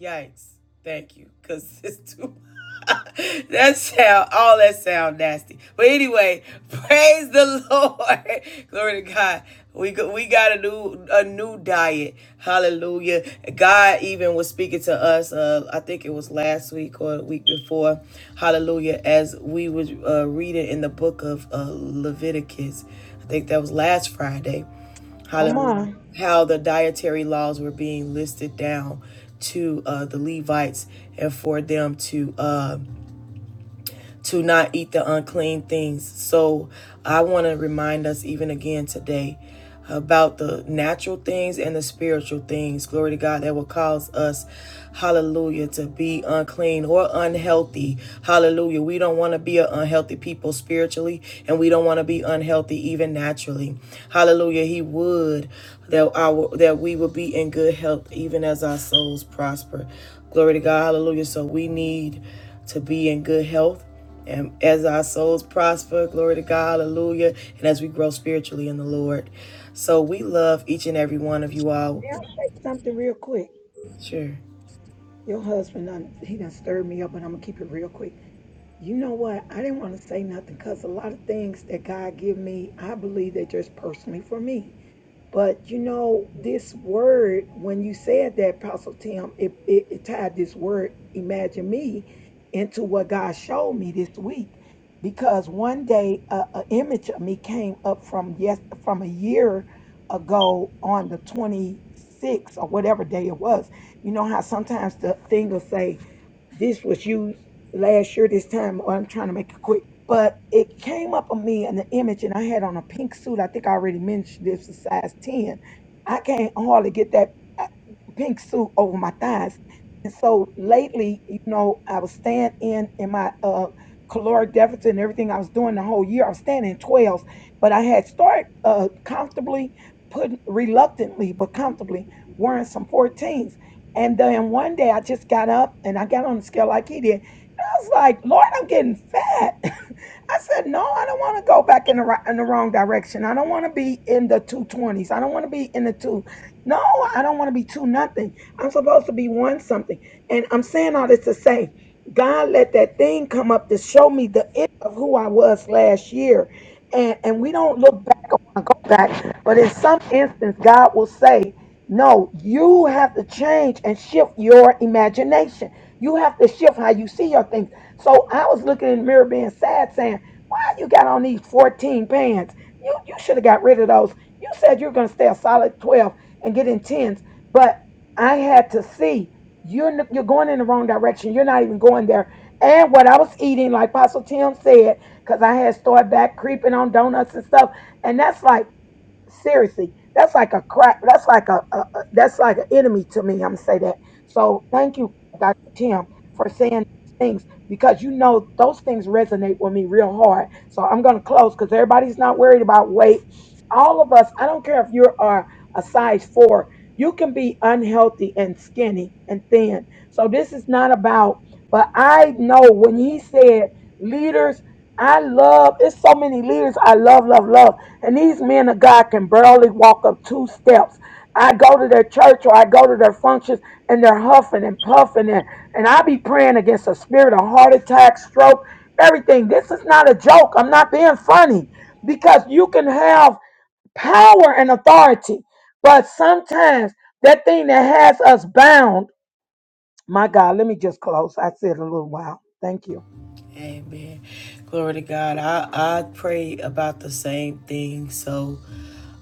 [SPEAKER 1] yikes. Thank you, cause it's too. that sound all that sound nasty. But anyway, praise the Lord, glory to God. We go, we got a new a new diet. Hallelujah. God even was speaking to us. Uh, I think it was last week or the week before. Hallelujah. As we was uh, reading in the book of uh, Leviticus, I think that was last Friday
[SPEAKER 4] come
[SPEAKER 1] hallelujah,
[SPEAKER 4] on.
[SPEAKER 1] how the dietary laws were being listed down to uh, the Levites and for them to. um to not eat the unclean things. So I want to remind us even again today about the natural things and the spiritual things. Glory to God that will cause us, hallelujah, to be unclean or unhealthy. Hallelujah. We don't want to be an unhealthy people spiritually, and we don't want to be unhealthy even naturally. Hallelujah. He would that our that we would be in good health even as our souls prosper. Glory to God. Hallelujah. So we need to be in good health. And as our souls prosper, glory to God, hallelujah, and as we grow spiritually in the Lord. So we love each and every one of you all.
[SPEAKER 4] May I say something real quick?
[SPEAKER 1] Sure.
[SPEAKER 4] Your husband, done, he done stirred me up, but I'm gonna keep it real quick. You know what? I didn't want to say nothing because a lot of things that God give me, I believe they're just personally for me. But you know, this word, when you said that, Apostle Tim, it, it, it tied this word, imagine me, into what God showed me this week. Because one day, a, a image of me came up from yes, from a year ago on the 26th or whatever day it was. You know how sometimes the thing will say, this was used last year, this time. Or I'm trying to make it quick. But it came up on me in the image, and I had on a pink suit. I think I already mentioned this was size 10. I can't hardly get that uh, pink suit over my thighs. And so lately, you know, I was staying in in my uh caloric deficit and everything I was doing the whole year. I was staying in 12s, but I had started uh comfortably putting reluctantly but comfortably wearing some 14s. And then one day I just got up and I got on the scale like he did. I was like, Lord, I'm getting fat. I said, no, I don't want to go back in the right, in the wrong direction. I don't want to be in the two twenties. I don't want to be in the two. No, I don't want to be two nothing. I'm supposed to be one something. And I'm saying all this to say, God let that thing come up to show me the end of who I was last year. And and we don't look back or want to go back, but in some instance, God will say, No, you have to change and shift your imagination. You have to shift how you see your things. So I was looking in the mirror being sad, saying you got on these 14 pants? You you should have got rid of those. You said you're gonna stay a solid 12 and get in 10s, but I had to see you're n- you're going in the wrong direction. You're not even going there. And what I was eating, like Apostle Tim said, because I had started back creeping on donuts and stuff, and that's like seriously that's like a crap that's like a, a, a that's like an enemy to me i'm gonna say that so thank you dr tim for saying those things because you know those things resonate with me real hard so i'm gonna close because everybody's not worried about weight all of us i don't care if you are a size four you can be unhealthy and skinny and thin so this is not about but i know when he said leaders i love it's so many leaders i love love love and these men of God can barely walk up two steps. I go to their church or I go to their functions and they're huffing and puffing and, and I be praying against a spirit of heart attack, stroke, everything. This is not a joke. I'm not being funny because you can have power and authority, but sometimes that thing that has us bound, my God, let me just close. I said a little while. Thank you.
[SPEAKER 1] Amen. Glory to God. I, I pray about the same thing. So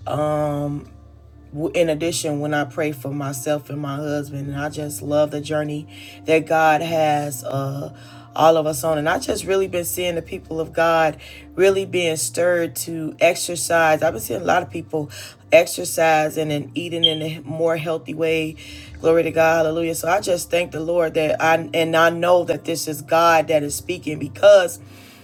[SPEAKER 1] um, in addition, when I pray for myself and my husband, and I just love the journey that God has uh, all of us on. And I just really been seeing the people of God really being stirred to exercise. I've been seeing a lot of people exercising and eating in a more healthy way. Glory to God, hallelujah. So I just thank the Lord that I and I know that this is God that is speaking because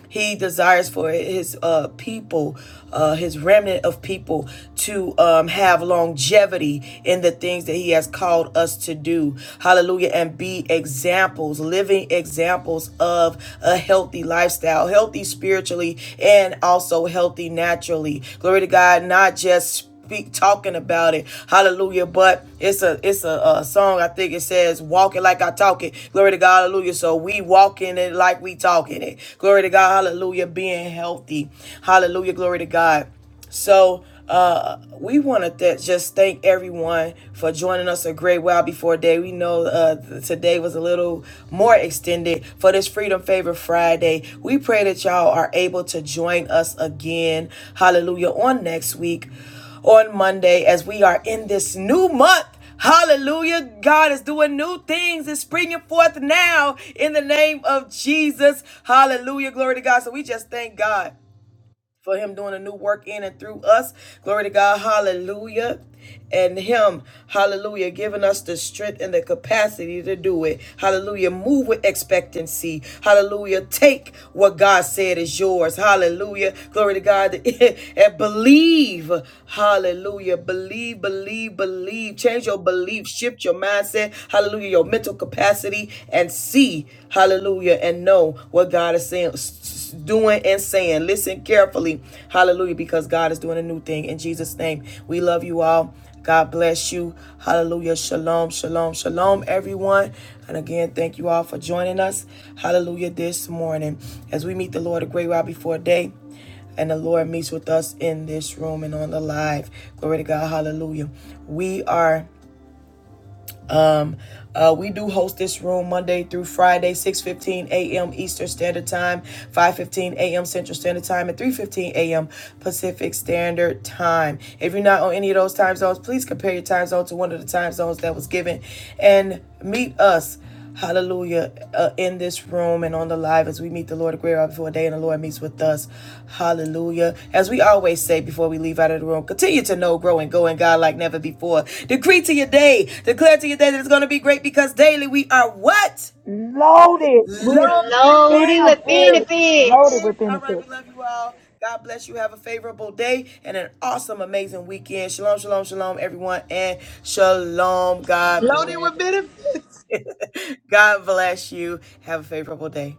[SPEAKER 1] he desires for his uh, people, uh, his remnant of people, to um, have longevity in the things that he has called us to do. Hallelujah. And be examples, living examples of a healthy lifestyle, healthy spiritually and also healthy naturally. Glory to God, not just spiritually speak talking about it. Hallelujah. But it's a it's a, uh song. I think it says "Walk it like I talk it." Glory to God. Hallelujah. So we walk in it like we talking it. Glory to God. Hallelujah. Being healthy. Hallelujah. Glory to God. So uh, we want to th- just thank everyone for joining us a great while before day. We know uh, th- today was a little more extended for this Freedom Favor Friday. We pray that y'all are able to join us again. Hallelujah. On next week on Monday as we are in this new month. Hallelujah. God is doing new things. It's springing forth now in the name of Jesus. Hallelujah. Glory to God. So we just thank God for him doing a new work in and through us. Glory to God. Hallelujah. And him, hallelujah, giving us the strength and the capacity to do it. Hallelujah. Move with expectancy. Hallelujah. Take what God said is yours. Hallelujah. Glory to God. And believe. Hallelujah. Believe, believe, believe. Change your belief. Shift your mindset. Hallelujah. Your mental capacity and see. Hallelujah. And know what God is saying doing and saying. Listen carefully. Hallelujah. Because God is doing a new thing. In Jesus' name, we love you all. God bless you. Hallelujah. Shalom, shalom, shalom, everyone. And again, thank you all for joining us. Hallelujah. This morning, as we meet the Lord a great while before day, and the Lord meets with us in this room and on the live. Glory to God. Hallelujah. We are. Um, uh, we do host this room Monday through Friday, 6.15 a.m. Eastern Standard Time, 5.15 a.m. Central Standard Time, and 3.15 a.m. Pacific Standard Time. If you're not on any of those time zones, please compare your time zone to one of the time zones that was given and meet us Hallelujah. Uh, in this room and on the live as we meet the Lord, a great hour before day and the Lord meets with us. Hallelujah. As we always say before we leave out of the room, continue to know, grow, and go in God like never before. Decree to your day, declare to your day that it's going to be great because daily we are what?
[SPEAKER 4] Loaded with
[SPEAKER 1] Loaded with
[SPEAKER 2] Loaded with
[SPEAKER 4] benefits.
[SPEAKER 2] benefits.
[SPEAKER 4] Loaded with
[SPEAKER 1] benefits. All right, we
[SPEAKER 4] benefits.
[SPEAKER 1] love you all. God bless you. Have a favorable day and an awesome, amazing weekend. Shalom, shalom, shalom, everyone, and shalom. God
[SPEAKER 3] loaded
[SPEAKER 1] bless.
[SPEAKER 3] with benefits
[SPEAKER 1] God bless you. Have a favorable day.